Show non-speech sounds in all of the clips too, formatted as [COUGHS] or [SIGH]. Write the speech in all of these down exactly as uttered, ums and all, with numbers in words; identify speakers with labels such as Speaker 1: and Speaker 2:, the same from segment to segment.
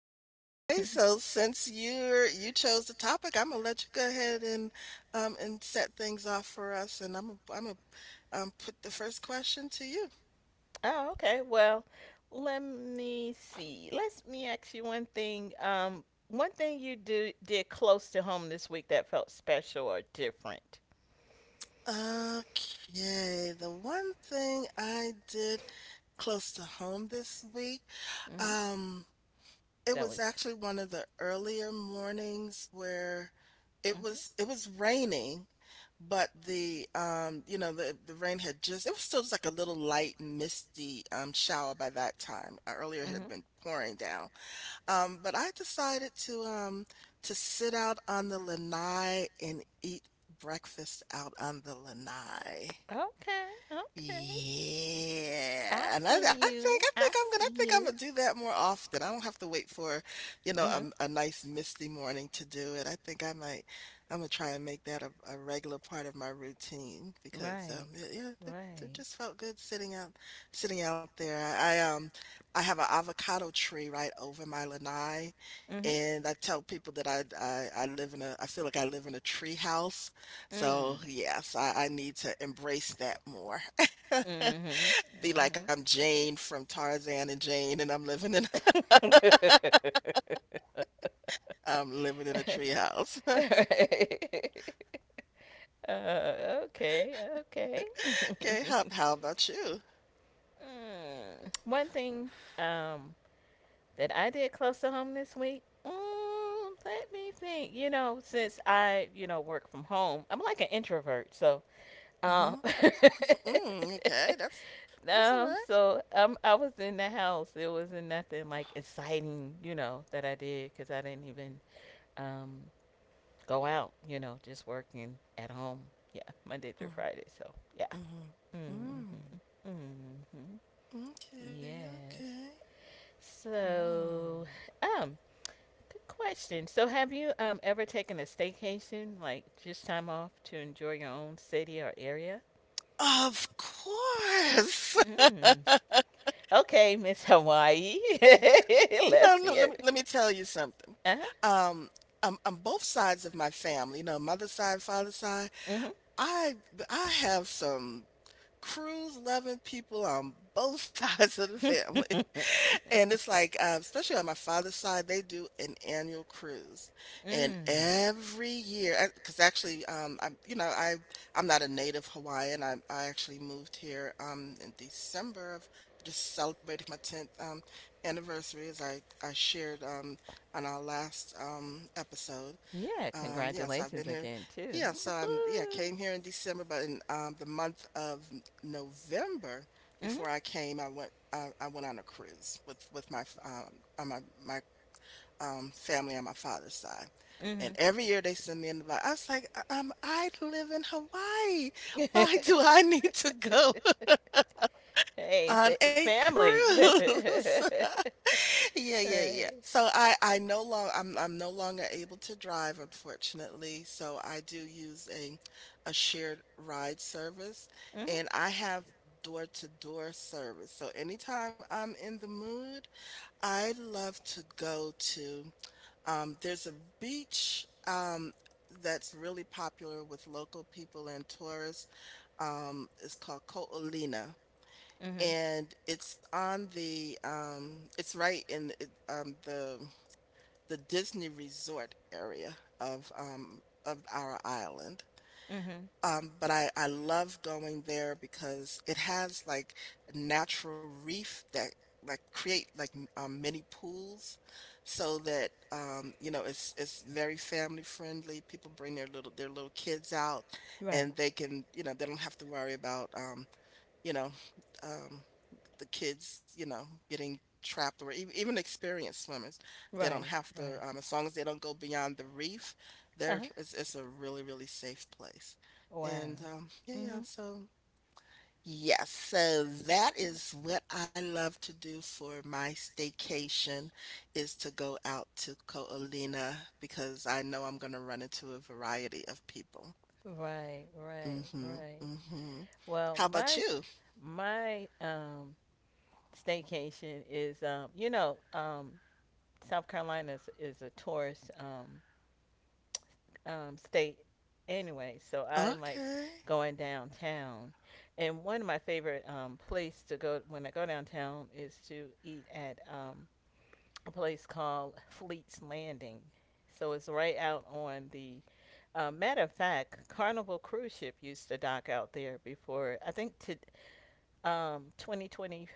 Speaker 1: Hmm.
Speaker 2: Okay, so since you're you chose the topic, I'm gonna let you go ahead and um and set things off for us, and I'm gonna- I'm gonna um put the first question to you.
Speaker 1: Oh, okay. Well, let me see. Let me ask you one thing. Um, one thing you do did close to home this week that felt special or different.
Speaker 2: Okay, the one thing I did close to home this week,
Speaker 1: Mm-hmm.
Speaker 2: um, it
Speaker 1: That
Speaker 2: was
Speaker 1: was.
Speaker 2: actually one of the earlier mornings where it
Speaker 1: Mm-hmm.
Speaker 2: was it was raining. But the, um, you know, the the rain had just, it was still just like a little light misty um shower by that time. Uh, Earlier it had
Speaker 1: Mm-hmm.
Speaker 2: been pouring down. Um, but I decided to um to sit out on the lanai and eat breakfast out on the lanai.
Speaker 1: Okay. Okay. I
Speaker 2: Yeah, and I I
Speaker 1: see
Speaker 2: think
Speaker 1: you.
Speaker 2: I think
Speaker 1: I
Speaker 2: I'm gonna
Speaker 1: see
Speaker 2: I think I'm
Speaker 1: you.
Speaker 2: gonna do that more often. I don't have to wait for, you know,
Speaker 1: Mm-hmm.
Speaker 2: a, a nice misty morning to do it. I think I might I'm gonna try and make that a, a regular part of my routine because
Speaker 1: Right.
Speaker 2: um it, yeah it,
Speaker 1: Right.
Speaker 2: it just felt good sitting out sitting out there. I, I um I have an avocado tree right over my lanai,
Speaker 1: Mm-hmm.
Speaker 2: and I tell people that I I, I live in a I feel like I live in a tree house. So
Speaker 1: Mm.
Speaker 2: yes, I, I need to embrace that more.
Speaker 1: Mhm. Mhm.
Speaker 2: [LAUGHS] Be like, "I'm Jane from Tarzan and Jane, and I'm living in [LAUGHS]
Speaker 1: [LAUGHS]
Speaker 2: I'm living in a treehouse." [LAUGHS]
Speaker 1: Uh, okay. Okay.
Speaker 2: Okay,
Speaker 1: [LAUGHS]
Speaker 2: how how about you?
Speaker 1: Mm. One thing um, that I did close to home this week. Mm, let me think. You know, since I you know work from home, I'm like an introvert, so um,
Speaker 2: Mhm,
Speaker 1: [LAUGHS]
Speaker 2: mm, okay, that's that's all
Speaker 1: Um,
Speaker 2: right.
Speaker 1: so um, I was in the house. It wasn't nothing like exciting, you know, that I did, because I didn't even um go out, you know, just working at home. Yeah, Monday through
Speaker 2: Mhm,
Speaker 1: Friday. So yeah.
Speaker 2: mhm,
Speaker 1: Mhm. Mhm.
Speaker 2: mm, okay,
Speaker 1: Yes.
Speaker 2: okay.
Speaker 1: So
Speaker 2: Mm.
Speaker 1: um, good question. So have you um ever taken a staycation, like just time off to enjoy your own city or area?
Speaker 2: Of course.
Speaker 1: Mm.
Speaker 2: [LAUGHS]
Speaker 1: Okay, Miss Hawaii. [LAUGHS]
Speaker 2: Yeah,
Speaker 1: Let's
Speaker 2: you know, le- let
Speaker 1: hear
Speaker 2: me let me
Speaker 1: it.
Speaker 2: tell you something.
Speaker 1: Uh-huh.
Speaker 2: Um, um, on both sides of my family, you know, mother's side, father's side,
Speaker 1: Hmm.
Speaker 2: I I have some cruise loving people on both [LAUGHS] sides of the family. [LAUGHS]
Speaker 1: [LAUGHS]
Speaker 2: And it's like, uh, especially on my father's side, they do an annual cruise, and
Speaker 1: Mm.
Speaker 2: every year, because actually, um, I'm you know I I'm not a native Hawaiian. I I actually moved here um in December of, just celebrating my tenth um anniversary, as I I shared um on our last um episode,
Speaker 1: Yeah,
Speaker 2: um, yes, I've been
Speaker 1: congratulations
Speaker 2: here.
Speaker 1: again, too.
Speaker 2: Yeah, so I'm yeah,
Speaker 1: Woohoo.
Speaker 2: came here in December, but in um the month of N- November
Speaker 1: Hmm.
Speaker 2: before I came, I went I, I went on a cruise with with my f- um on my my um family on my father's side.
Speaker 1: Hmm.
Speaker 2: And every year they send me an invite. I was like, "Uh, um, I live in Hawaii. Why do
Speaker 1: [LAUGHS]
Speaker 2: I [LAUGHS] need to go [LAUGHS]
Speaker 1: Hey, fa-
Speaker 2: on a
Speaker 1: family. [LAUGHS]
Speaker 2: cruise? [LAUGHS] Yeah, yeah, yeah.
Speaker 1: Right.
Speaker 2: So I I no long I'm I'm no longer able to drive, unfortunately. So I do use a a shared ride service
Speaker 1: Mhm.
Speaker 2: and I have door-to-door service. So anytime I'm in the mood, I love to go to um there's a beach um that's really popular with local people and tourists. Um, it's called Ko'olina
Speaker 1: Mhm.
Speaker 2: and it's on the um it's right in it- um the the Disney resort area of um of our island.
Speaker 1: Mhm.
Speaker 2: Um, but I, I love going there because it has like a natural reef that like create like m- um, mini pools so that, um, you know, it's it's very family friendly. People bring their little their little kids out
Speaker 1: Right.
Speaker 2: and they can, you know, they don't have to worry about, um, you know, um, the kids, you know, getting trapped, or even, even experienced swimmers. They don't
Speaker 1: Right.
Speaker 2: have to,
Speaker 1: Right.
Speaker 2: um, as long as they don't go beyond the reef,
Speaker 1: Uh
Speaker 2: there
Speaker 1: huh.
Speaker 2: it's, it's a really, really safe place. And
Speaker 1: Wow.
Speaker 2: um, yeah, yeah.
Speaker 1: Mhm.
Speaker 2: So yes, so that is what I love to do for my staycation is to go out to Ko'olina because I know I'm going to run into a variety of people.
Speaker 1: Right. Right.
Speaker 2: Mm-hmm.
Speaker 1: Right.
Speaker 2: Mm-hmm.
Speaker 1: Well,
Speaker 2: How about
Speaker 1: my s-
Speaker 2: you?
Speaker 1: my um staycation is um you know um South Carolina is, is a tourist um um, state anyway. So I like
Speaker 2: Okay.
Speaker 1: going downtown. And one of my favorite um, place to go when I go downtown is to eat at um, a place called Fleet's Landing. So it's right out on the. Uh, matter of fact, Carnival cruise ship used to dock out there before. I think to um, twenty twenty-four,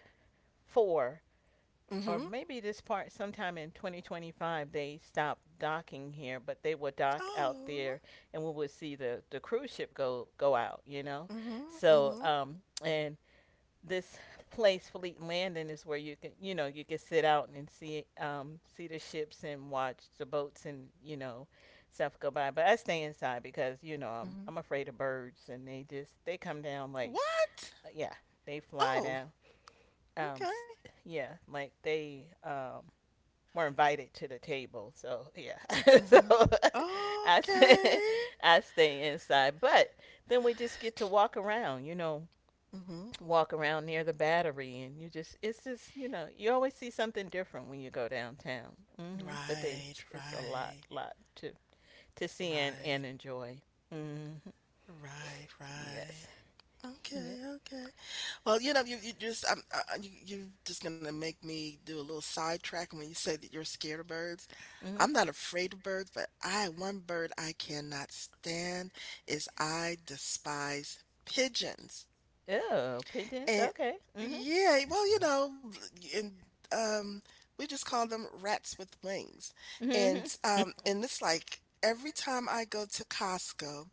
Speaker 2: Mm-hmm.
Speaker 1: or maybe this part sometime in twenty twenty-five they stop docking here, but they will dock out
Speaker 2: Oh.
Speaker 1: there. And we will see the, the cruise ship go go out, you know
Speaker 2: Mhm,
Speaker 1: so
Speaker 2: mhm,
Speaker 1: um and this place Fleet Landing is where you can you know you can sit out and see um see the ships and watch the boats and you know stuff go by. But I stay inside because you know i'm,
Speaker 2: mhm.
Speaker 1: I'm afraid of birds, and they just they come down like,
Speaker 2: What?
Speaker 1: yeah, they fly
Speaker 2: Oh,
Speaker 1: down, um
Speaker 2: okay.
Speaker 1: s- yeah, like they um were invited to the table. So yeah, [LAUGHS] so
Speaker 2: Mhm.
Speaker 1: [LAUGHS] I stay,
Speaker 2: Okay.
Speaker 1: I stay inside. But then we just get to walk around, you know,
Speaker 2: Mhm.
Speaker 1: walk around near the battery, and you just it's just you know you always see something different when you go downtown. Hmm But they
Speaker 2: Right,
Speaker 1: it's a lot
Speaker 2: right,
Speaker 1: lot to to see and, and
Speaker 2: right,
Speaker 1: enjoy. Hmm.
Speaker 2: right,
Speaker 1: Yes.
Speaker 2: right.
Speaker 1: Yep.
Speaker 2: Okay, okay. Well, you know, you you just um, uh, uh, you you just gonna make me do a little sidetrack when you say that you're scared of birds.
Speaker 1: Hmm.
Speaker 2: I'm not afraid of birds, but I one bird I cannot stand is, I despise pigeons.
Speaker 1: Oh, pigeons.
Speaker 2: And
Speaker 1: Okay. Hmm.
Speaker 2: yeah, well, you know, and um, we just call them rats with wings.
Speaker 1: Hmm.
Speaker 2: And
Speaker 1: Hmm.
Speaker 2: um, and it's like every time I go to Costco,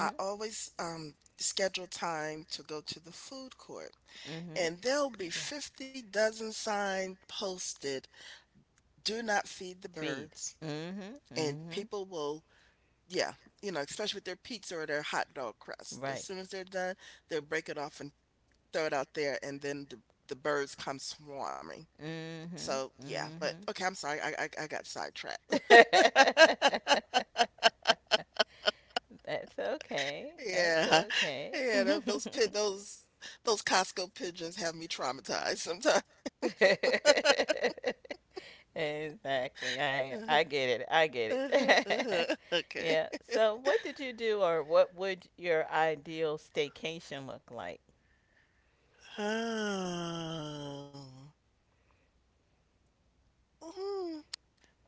Speaker 2: I always um schedule time to go to the food court,
Speaker 1: Hmm.
Speaker 2: and there'll be
Speaker 1: [LAUGHS] Right.
Speaker 2: fifty dozen signs posted, do not feed the
Speaker 1: Feed.
Speaker 2: birds,
Speaker 1: Mm-hmm.
Speaker 2: and
Speaker 1: Mm-hmm.
Speaker 2: people will yeah, you know, especially with their pizza or their hot dog crust. As
Speaker 1: Right.
Speaker 2: soon as they're done, they'll break it off and throw it out there, and then the, the birds come swarming. So yeah, but
Speaker 1: Mm-hmm.
Speaker 2: okay, I'm sorry. I I, I got sidetracked.
Speaker 1: Mm-hmm. [LAUGHS]
Speaker 2: [LAUGHS]
Speaker 1: That's okay. That's
Speaker 2: Yeah.
Speaker 1: okay.
Speaker 2: Yeah, tho- those pid those those Costco pigeons have me traumatized sometimes.
Speaker 1: [LAUGHS]
Speaker 2: [LAUGHS]
Speaker 1: [LAUGHS] Exactly. I
Speaker 2: Uh-huh,
Speaker 1: I get it. I get
Speaker 2: uh-huh,
Speaker 1: it.
Speaker 2: uh-huh.
Speaker 1: [LAUGHS]
Speaker 2: Okay.
Speaker 1: Yeah. So, what did you do, or what would your ideal staycation look like?
Speaker 2: [SIGHS] Oh.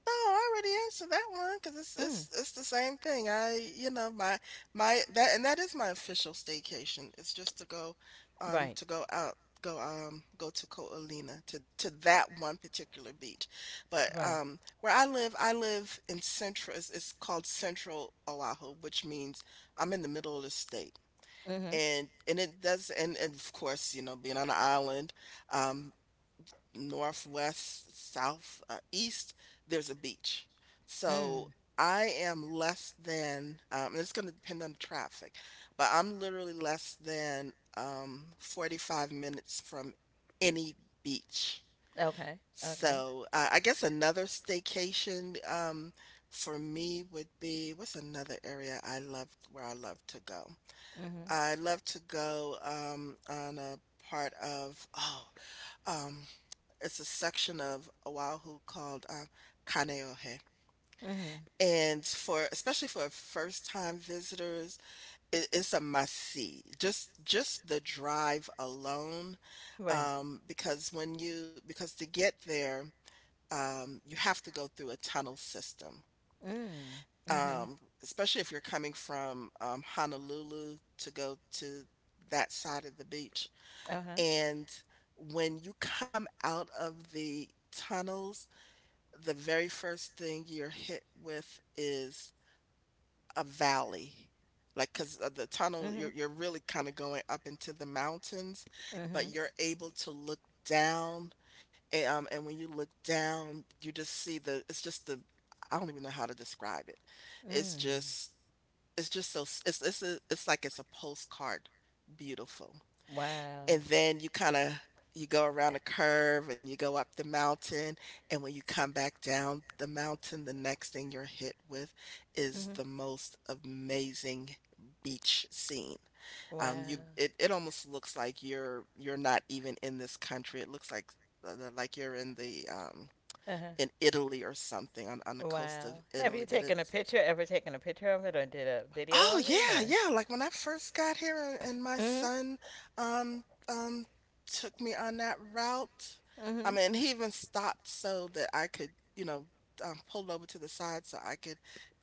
Speaker 2: No, I already answered that one because it's
Speaker 1: Mm.
Speaker 2: it's it's the same thing. I you know my my that and that is my official staycation. It's just to go, um,
Speaker 1: Right.
Speaker 2: to go out, go um, go to Ko'olina to to that one particular beach. But
Speaker 1: Right.
Speaker 2: um, where I live, I live in central. It's, it's called Central Oahu, which means I'm in the middle of the state.
Speaker 1: Mhm.
Speaker 2: And and it does and, and of course, you know, being on an island, um, north, west, south, uh, east, there's a beach.
Speaker 1: Mm.
Speaker 2: So I am less than, um, and it's going to depend on the traffic, but I'm literally less than, um, forty-five minutes from any beach.
Speaker 1: Okay. Okay.
Speaker 2: So uh, I guess another staycation, um, for me would be, what's another area I love where I love to go?
Speaker 1: Mhm.
Speaker 2: I'd love to go, um, on a part of oh, um, it's a section of Oahu called, um, Kaneohe,
Speaker 1: Mhm.
Speaker 2: and for, especially for first-time visitors, it it's a must-see. Just just the drive alone,
Speaker 1: Right.
Speaker 2: um, because when you, because to get there, um, you have to go through a tunnel system,
Speaker 1: Mm. Mhm.
Speaker 2: um, especially if you're coming from, um, Honolulu to go to that side of the beach.
Speaker 1: Uh huh.
Speaker 2: And when you come out of the tunnels, the very first thing you're hit with is a valley. Like, because the tunnel, you're,
Speaker 1: Mhm.
Speaker 2: you're really kind of going up into the mountains,
Speaker 1: Mhm.
Speaker 2: but you're able to look down. And, um, and when you look down, you just see the, it's just the, I don't even know how to describe it. It's
Speaker 1: Mm.
Speaker 2: just, it's just so, it's, it's, a, it's like it's a postcard beautiful,
Speaker 1: Wow.
Speaker 2: and then you kinda, you go around a curve and you go up the mountain, and when you come back down the mountain, the next thing you're hit with is
Speaker 1: Mhm.
Speaker 2: the most amazing beach scene. Um, you,
Speaker 1: Wow.
Speaker 2: it it almost looks like you're you're not even in this country. It looks like like you're in the, um,
Speaker 1: Uh huh.
Speaker 2: in Italy or something, on on the coast of
Speaker 1: Wow. Have you
Speaker 2: Italy, but
Speaker 1: taken a
Speaker 2: it's,
Speaker 1: picture, ever taken a picture of it, or did a video
Speaker 2: oh
Speaker 1: of it,
Speaker 2: yeah,
Speaker 1: or?
Speaker 2: yeah. Like when I
Speaker 1: [COUGHS]
Speaker 2: first got here and, and my
Speaker 1: Mhm.
Speaker 2: son um um took me on that route. I
Speaker 1: Mhm.
Speaker 2: mean, he even stopped so that I could, you know, um, pulled over to the side so I could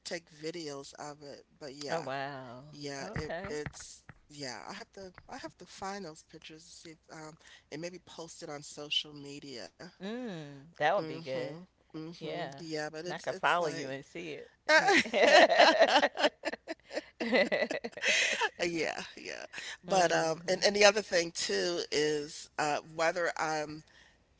Speaker 2: take videos of it. But
Speaker 1: Oh
Speaker 2: yeah,
Speaker 1: wow.
Speaker 2: yeah, it
Speaker 1: Okay.
Speaker 2: it's yeah. I have to I have to find those pictures to see if, um, and maybe post it on social media.
Speaker 1: Mm. That would be
Speaker 2: Mm-hmm.
Speaker 1: good.
Speaker 2: Mm-hmm.
Speaker 1: Yeah.
Speaker 2: Yeah, but
Speaker 1: And I
Speaker 2: it's
Speaker 1: could
Speaker 2: it's
Speaker 1: follow you
Speaker 2: like
Speaker 1: and see it. I mean. [LAUGHS]
Speaker 2: [LAUGHS] Uh, yeah, yeah. But, um and
Speaker 1: Mhm.
Speaker 2: and the other thing too is, uh, whether I'm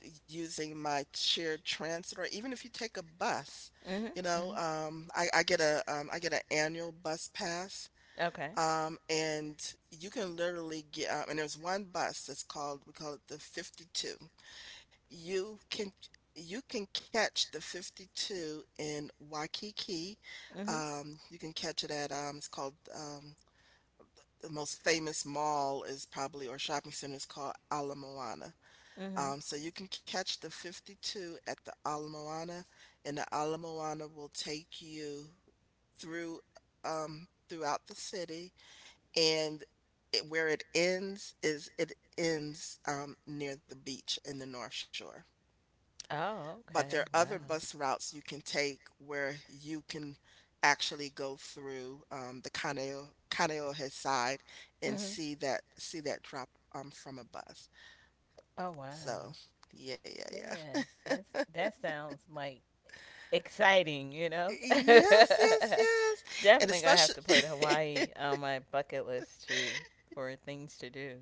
Speaker 2: using my shared transit or even if you take a bus,
Speaker 1: Mhm.
Speaker 2: you know,
Speaker 1: Mhm.
Speaker 2: um, I I get a, um, I get an annual bus pass,
Speaker 1: Okay.
Speaker 2: um, and you can literally get, uh and there's one bus that's called, we call it the fifty-two. You can you can catch the fifty-two in Waikiki.
Speaker 1: Mhm.
Speaker 2: Um, you can catch it at, um, it's called, um the most famous mall is probably or shopping center is called Ala Moana.
Speaker 1: Mhm.
Speaker 2: Um, so you can catch the fifty-two at the Ala Moana, and the Ala Moana will take you through um, throughout the city. And it, where it ends is it ends um, near the beach in the North Shore.
Speaker 1: Oh,
Speaker 2: But there are
Speaker 1: okay.
Speaker 2: other
Speaker 1: Wow.
Speaker 2: bus routes you can take where you can actually go through um, the Kaneohe, Kaneohe side and
Speaker 1: Mhm.
Speaker 2: see that see that drop um, from a bus.
Speaker 1: Oh
Speaker 2: So
Speaker 1: wow.
Speaker 2: yeah,
Speaker 1: Yeah.
Speaker 2: yeah, yeah.
Speaker 1: That's that sounds like exciting, you know?
Speaker 2: Yes,
Speaker 1: [LAUGHS]
Speaker 2: yes, yes. And
Speaker 1: Definitely gonna have
Speaker 2: especially
Speaker 1: to put Hawaii
Speaker 2: [LAUGHS]
Speaker 1: on my bucket list too for things to do,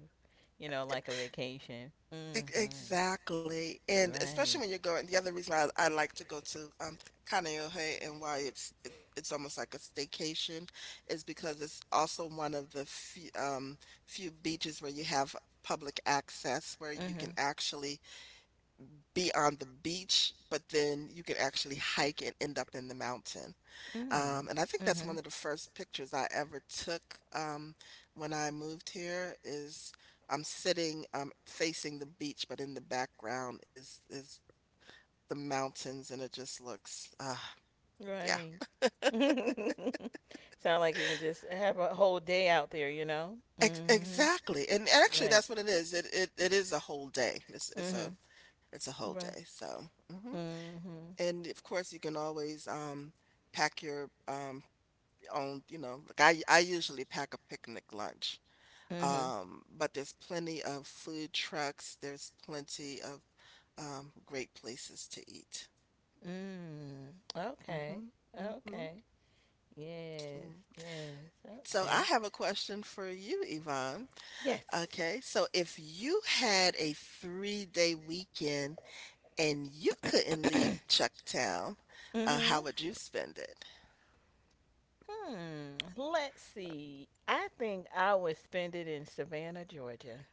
Speaker 1: you know, like a vacation.
Speaker 2: Ex-
Speaker 1: Mm-hmm.
Speaker 2: Exactly. And especially when
Speaker 1: Right.
Speaker 2: you're going, the other reason why I, I like to go to um Kaneohe and why it's it, it's almost like a staycation is because it's also one of the few, um few beaches where you have public access where you can
Speaker 1: Mm-hmm.
Speaker 2: actually be on the beach, but then you can actually hike and end up in the mountain. Um, and I think that's one
Speaker 1: Mm.
Speaker 2: of the first pictures I ever took um, when I moved here is I'm sitting um, facing the beach, but in the background is is the mountains, and it just looks, uh,
Speaker 1: Mm-hmm.
Speaker 2: yeah,
Speaker 1: Right. [LAUGHS] Sound like you can just have a whole day out there, you know?
Speaker 2: ex exactly. And
Speaker 1: Mm-hmm.
Speaker 2: actually,
Speaker 1: Right.
Speaker 2: that's what it is. It it it is a whole day. It's it's a
Speaker 1: Mm-hmm.
Speaker 2: it's a whole
Speaker 1: Right.
Speaker 2: day. So, hmm
Speaker 1: Mm-hmm.
Speaker 2: and of course, you can always um, pack your um, own. You know, like I I usually pack a picnic lunch.
Speaker 1: Mm-hmm.
Speaker 2: Um, but there's plenty of food trucks. There's plenty of um, great places to eat.
Speaker 1: Mm.
Speaker 2: hmm
Speaker 1: Okay.
Speaker 2: hmm
Speaker 1: Okay. Yes. Yes.
Speaker 2: So I
Speaker 1: Okay.
Speaker 2: have a question for you, Yvonne.
Speaker 1: Yes.
Speaker 2: Okay, so if you had a three-day weekend and you couldn't leave Chucktown, uh, how
Speaker 1: Mm-hmm.
Speaker 2: would you spend it?
Speaker 1: Hmm. Let's see. I think I would spend it in Savannah, Georgia.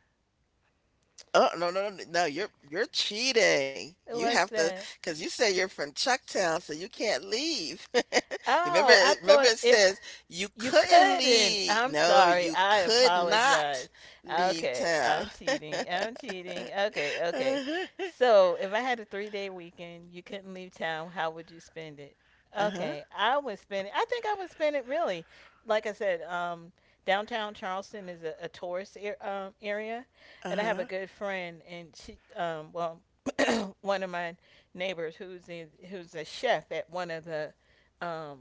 Speaker 2: Oh, no, no, no, no, you're you're cheating. You
Speaker 1: What's
Speaker 2: have to,
Speaker 1: that?
Speaker 2: because you say you're from Chucktown, so you can't leave. [LAUGHS] Remember,
Speaker 1: Oh, I
Speaker 2: it- remember
Speaker 1: thought
Speaker 2: it
Speaker 1: if
Speaker 2: says you
Speaker 1: you
Speaker 2: couldn't
Speaker 1: couldn't,
Speaker 2: leave.
Speaker 1: I'm
Speaker 2: No,
Speaker 1: sorry.
Speaker 2: you
Speaker 1: I
Speaker 2: could not
Speaker 1: apologize.
Speaker 2: leave
Speaker 1: Okay,
Speaker 2: town.
Speaker 1: I'm cheating. I'm cheating. Okay, okay.
Speaker 2: [LAUGHS]
Speaker 1: So, if I had a three day weekend, you couldn't leave town, how would you spend it?
Speaker 2: Uh-huh. Uh-huh.
Speaker 1: Okay, I would spend it. I think I would spend it really. Like I said, um, downtown Charleston is a, a tourist ar- um, area, and I have a
Speaker 2: Uh-huh.
Speaker 1: good friend, and she, um, well, [CLEARS THROAT] one of my neighbors, who's in, who's a chef at one of the um,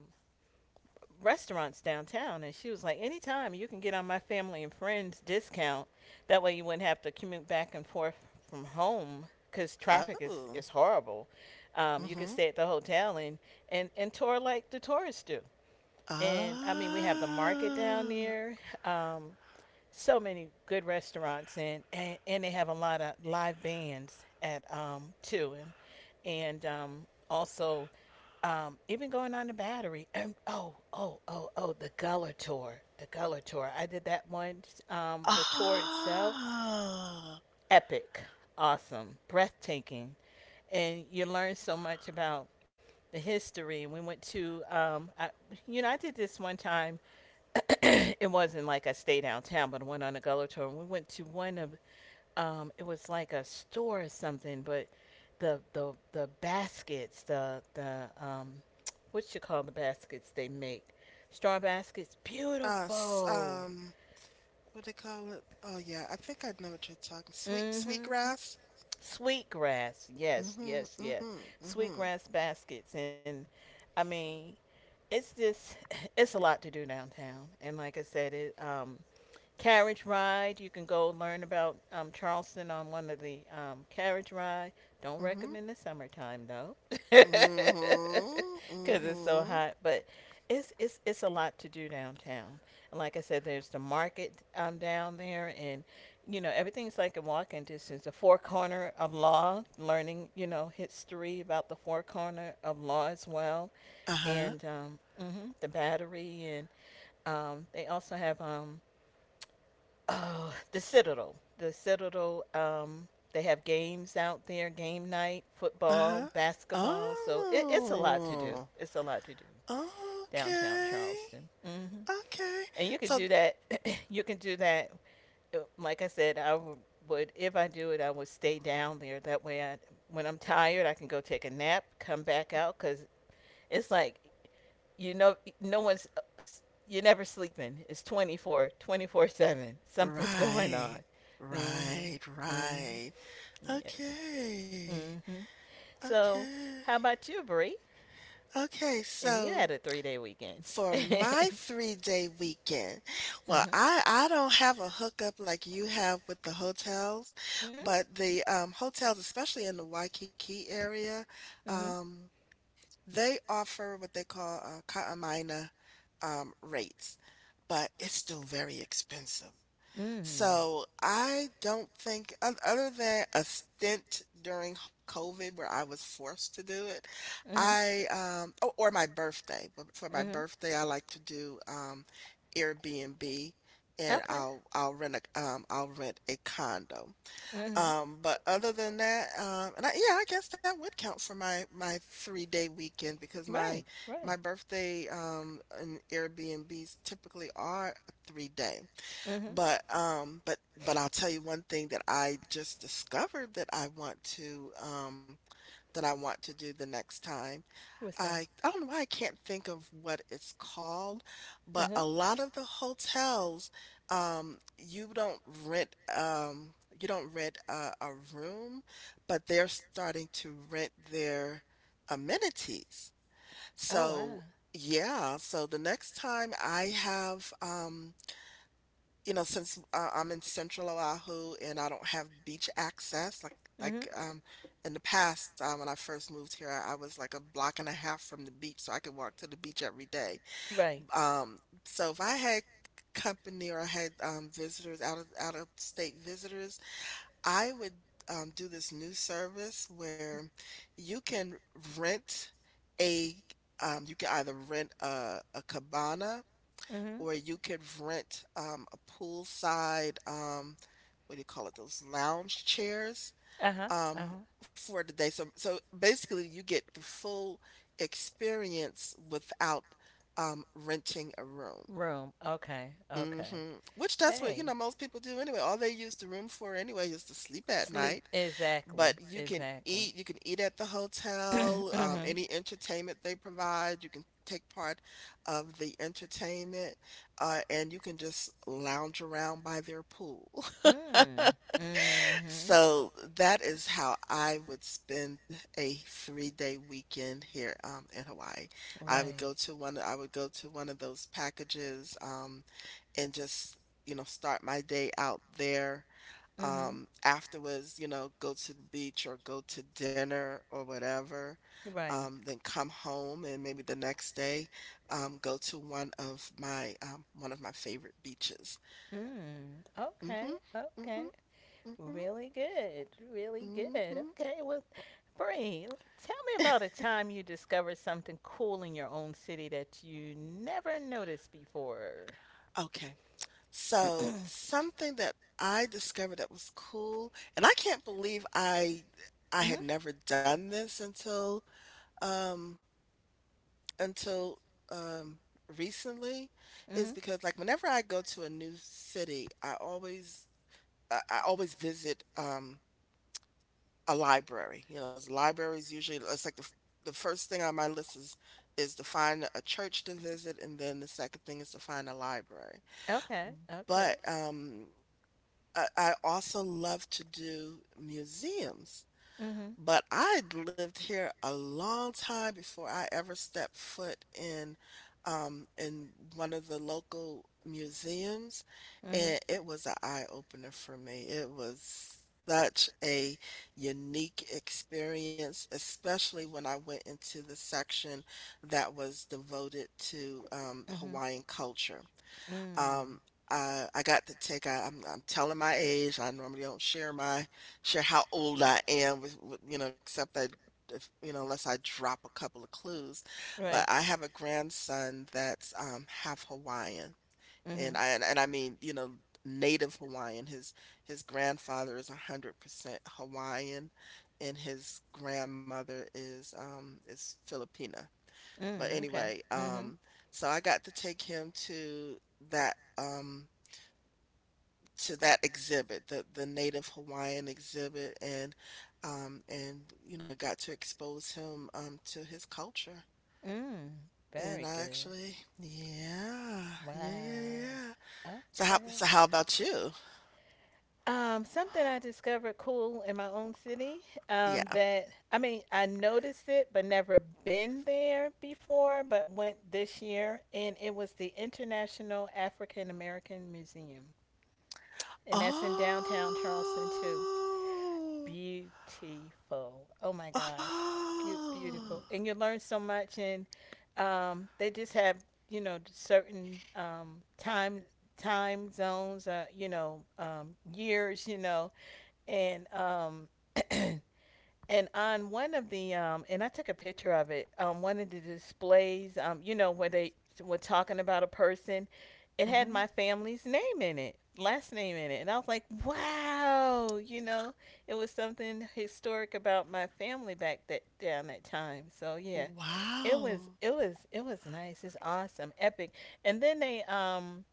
Speaker 1: restaurants downtown. And she was like, anytime you can get on my family and friends discount, that way you wouldn't have to commute back and forth from home, because traffic is,
Speaker 2: Oh.
Speaker 1: is horrible. Um, you could
Speaker 2: Mm-hmm.
Speaker 1: stay at the hotel, and, and, and, tour like the tourists do. And I mean, we have the market down
Speaker 2: Ah.
Speaker 1: there, um, so many good restaurants, and, and and they have a lot of live bands at um too, and and um also um even going on the battery. [CLEARS THROAT] And oh oh oh oh, the Gullah tour, the Gullah tour I did that one. Um the tour itself:
Speaker 2: Ah.
Speaker 1: epic, awesome, breathtaking. And you learn so much about the history. And we went to um I, you know I did this one time, it wasn't like I stayed downtown, but I went on a Gullah tour. And we went to one of, um, it was like a store or something, but the the the baskets, the the um, what you call the baskets they make, straw baskets,
Speaker 2: Uh, s-
Speaker 1: beautiful.
Speaker 2: um, what they call it? Oh yeah, I think I know what you're talking. Sweet, sweet
Speaker 1: Mm-hmm.
Speaker 2: grass.
Speaker 1: Sweetgrass, yes,
Speaker 2: Mhm,
Speaker 1: yes,
Speaker 2: mhm,
Speaker 1: yes.
Speaker 2: mhm, mhm,
Speaker 1: Sweetgrass baskets, and I mean, it's just [LAUGHS] it's a lot to do downtown. And like I said, it um, carriage ride. You can go learn about um, Charleston on one of the um, carriage ride. Don't
Speaker 2: mhm,
Speaker 1: recommend the summertime though, [LAUGHS] because it's so
Speaker 2: mhm.
Speaker 1: hot. But it's it's it's a lot to do downtown. And like I said, there's the market um, down there, and you know everything's like a walking distance. The Four Corner of Law, learning you know history about the Four Corner of Law as well,
Speaker 2: Uh-huh.
Speaker 1: and um, hmm the Battery, and um, they also have um, [SIGHS] oh, the Citadel. The Citadel. Um, they have games out there, game night,
Speaker 2: Uh-huh.
Speaker 1: football, basketball. So it, it's a lot to do.
Speaker 2: Oh.
Speaker 1: It's a lot to do downtown
Speaker 2: Okay.
Speaker 1: Charleston. hmm
Speaker 2: Okay.
Speaker 1: And you could
Speaker 2: So
Speaker 1: do that. [COUGHS] [CLEARS THROAT] You can do that. uh, Like I said, I w- would if I do it, I would stay down there. That way, I when I'm tired, I can go take a nap, come back out, cause it's like, you know no one's you're never sleeping. It's twenty four seven, something's [LAUGHS] going on.
Speaker 2: right. Right,
Speaker 1: Mm-hmm.
Speaker 2: right.
Speaker 1: Mm-hmm. Yes.
Speaker 2: Okay.
Speaker 1: Mm-hmm. So,
Speaker 2: Okay.
Speaker 1: how about you, brie
Speaker 2: Okay.
Speaker 1: if you
Speaker 2: So
Speaker 1: had a three day weekend? [LAUGHS]
Speaker 2: for my
Speaker 1: Mm-hmm.
Speaker 2: three-day weekend. Well, I I don't have a hookup like you have with the hotels,
Speaker 1: Mm-hmm.
Speaker 2: but the um, hotels, especially in the Waikiki area,
Speaker 1: Mm-hmm.
Speaker 2: um, they offer what they call uh, Kaʻamaina um, rates, but it's still very expensive.
Speaker 1: Mm-hmm. Mm-hmm.
Speaker 2: So, I don't think oth other than a stint during COVID where I was forced to do it, I, um oh, or my birthday. But for my
Speaker 1: Mm-hmm.
Speaker 2: birthday, I like to do, um, Airbnb, and
Speaker 1: Okay.
Speaker 2: I'll I'll rent a um, I'll rent a condo.
Speaker 1: Mm-hmm.
Speaker 2: Um, but other than that, um and I yeah, I guess that would count for my my three-day weekend because my
Speaker 1: Right, right.
Speaker 2: my birthday, um, and Airbnbs typically are three day.
Speaker 1: Mm-hmm.
Speaker 2: But um but but I'll tell you one thing that I just discovered that I want to um that I want to do the next time.
Speaker 1: What's
Speaker 2: I
Speaker 1: that?
Speaker 2: I don't know why I can't think of what it's called,
Speaker 1: Uh
Speaker 2: but
Speaker 1: huh.
Speaker 2: a lot of the hotels um you don't rent um you don't rent a, a room, but they're starting to rent their amenities.
Speaker 1: Oh wow.
Speaker 2: So yeah, so the next time I have um you know, since uh, I'm in central Oahu and I don't have beach access, like
Speaker 1: Mm-hmm.
Speaker 2: like um in the past, um, when I first moved here, I was like a block and a half from the beach, so I could walk to the beach every day.
Speaker 1: Right.
Speaker 2: Um, so if I had company or I had um visitors out of out of state visitors, I would um do this new service where you can rent a um you can either rent a a cabana
Speaker 1: Mm-hmm.
Speaker 2: or you could rent um, a poolside, um, what do you call it, those lounge chairs
Speaker 1: Uh huh. Uh
Speaker 2: um,
Speaker 1: huh.
Speaker 2: for the day. So, so basically, you get the full experience without um, renting a room.
Speaker 1: Room. Okay.
Speaker 2: hmm
Speaker 1: Okay.
Speaker 2: Which that's what,
Speaker 1: Hey.
Speaker 2: you know, most people do anyway. All they use the room for anyway is to sleep at
Speaker 1: Sleep.
Speaker 2: night.
Speaker 1: Exactly.
Speaker 2: But you can eat,
Speaker 1: Exactly.
Speaker 2: you
Speaker 1: [COUGHS]
Speaker 2: can eat at the hotel, um,
Speaker 1: [CLEARS THROAT]
Speaker 2: any entertainment they provide, you can take part of the entertainment, uh, and you can just lounge around by their pool. [LAUGHS]
Speaker 1: Mm-hmm. Mm. Mm-hmm.
Speaker 2: So that is how I would spend a three-day weekend here um, in Hawaii. I would
Speaker 1: Right.
Speaker 2: go to one, I would go to one of those packages um, and just, you know, start my day out there
Speaker 1: Mm-hmm.
Speaker 2: um, afterwards, you know, go to the beach or go to dinner or whatever,
Speaker 1: Right.
Speaker 2: um, then come home and maybe the next day, um, go to one of my um, one of my favorite beaches.
Speaker 1: Mm. Okay.
Speaker 2: Mm-hmm,
Speaker 1: Okay.
Speaker 2: mm-hmm, mm-hmm,
Speaker 1: Really good. Really good.
Speaker 2: mm-hmm.
Speaker 1: Okay, well, Bree, tell me about a time you discovered something cool in your own city that you never noticed before.
Speaker 2: Okay,
Speaker 1: [CLEARS THROAT]
Speaker 2: so
Speaker 1: Mm-hmm.
Speaker 2: something that I discovered that was cool, and I can't believe I I had never done this until um until um recently
Speaker 1: Mm-hmm.
Speaker 2: is because like whenever I go to a new city, I always I, I always visit um a library. You know, the library usually it's like the f- the first thing on my list is is to find a church to visit, and then the second thing is to find a library.
Speaker 1: Okay. Okay.
Speaker 2: But um, I, I also love to do museums.
Speaker 1: Mm-hmm.
Speaker 2: But I'd lived here a long time before I ever stepped foot in um in one of the local museums,
Speaker 1: Mm-hmm.
Speaker 2: and it was an eye opener for me. It was such a unique experience, especially when I went into the section that was devoted to um,
Speaker 1: Mm-hmm.
Speaker 2: Hawaiian culture.
Speaker 1: Mm.
Speaker 2: Um, I I got to take I I'm I'm telling my age. I normally don't share my share how old I am with, with you know, except that if, you know, unless I drop a couple of clues. But
Speaker 1: Right.
Speaker 2: I have a grandson that's um half Hawaiian. And
Speaker 1: Mm-hmm.
Speaker 2: I and, and I mean, you know, native Hawaiian. His his grandfather is one hundred percent Hawaiian and his grandmother is um is Filipina. But
Speaker 1: Mm. Okay.
Speaker 2: anyway,
Speaker 1: Mm-hmm.
Speaker 2: um, so I got to take him to that um to that exhibit, the the Native Hawaiian exhibit, and um and you know got to expose him um to his culture.
Speaker 1: Mm,
Speaker 2: And
Speaker 1: very
Speaker 2: I
Speaker 1: good.
Speaker 2: actually, yeah, yeah, yeah,
Speaker 1: Wow.
Speaker 2: yeah. So how
Speaker 1: Okay.
Speaker 2: so how about you?
Speaker 1: Um, something I discovered cool in my own city. Um,
Speaker 2: Yeah.
Speaker 1: that I mean, I noticed it, but never been there before. But went this year, and it was the International African American Museum, and that's in downtown
Speaker 2: Oh,
Speaker 1: Charleston too. Beautiful. Oh my gosh, Beau-
Speaker 2: oh.
Speaker 1: beautiful. And you learn so much, and um, they just have you know certain um, time time zones, uh, you know um, years, you know, and um, [CLEARS THROAT] And on one of the um, and I took a picture of it. Um, one of the displays, um, you know, where they were talking about a person, it had
Speaker 2: hmm
Speaker 1: my family's name in it, last name in it, and I was like, wow, you know, it was something historic about my family back that down that time. So yeah, it was
Speaker 2: Wow.
Speaker 1: it was it was nice. It's awesome, epic. And then they um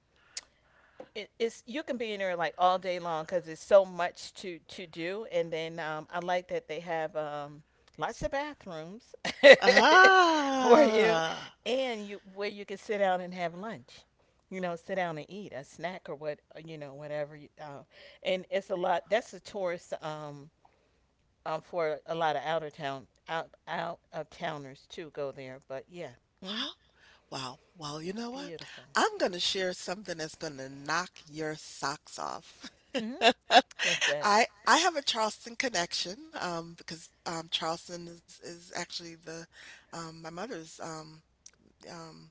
Speaker 1: it, it's you can be in there like all day long because there's so much to to do, and then um, i like that they have um, lots of bathrooms [LAUGHS] for you,
Speaker 2: Ah.
Speaker 1: and you where you can sit down and have lunch, you know sit down and eat a snack or what uh, you know whatever you, uh, and it's a lot that's a tourist, um, um, for a lot of outer town out out of towners to go there. But yeah. Hmm.
Speaker 2: Wow. Well, you know what?
Speaker 1: Beautiful.
Speaker 2: I'm gonna share something that's gonna knock your socks off.
Speaker 1: Hmm. With
Speaker 2: [LAUGHS]
Speaker 1: that.
Speaker 2: I I have a Charleston connection um, because um, Charleston is is actually the um, my mother's um, um,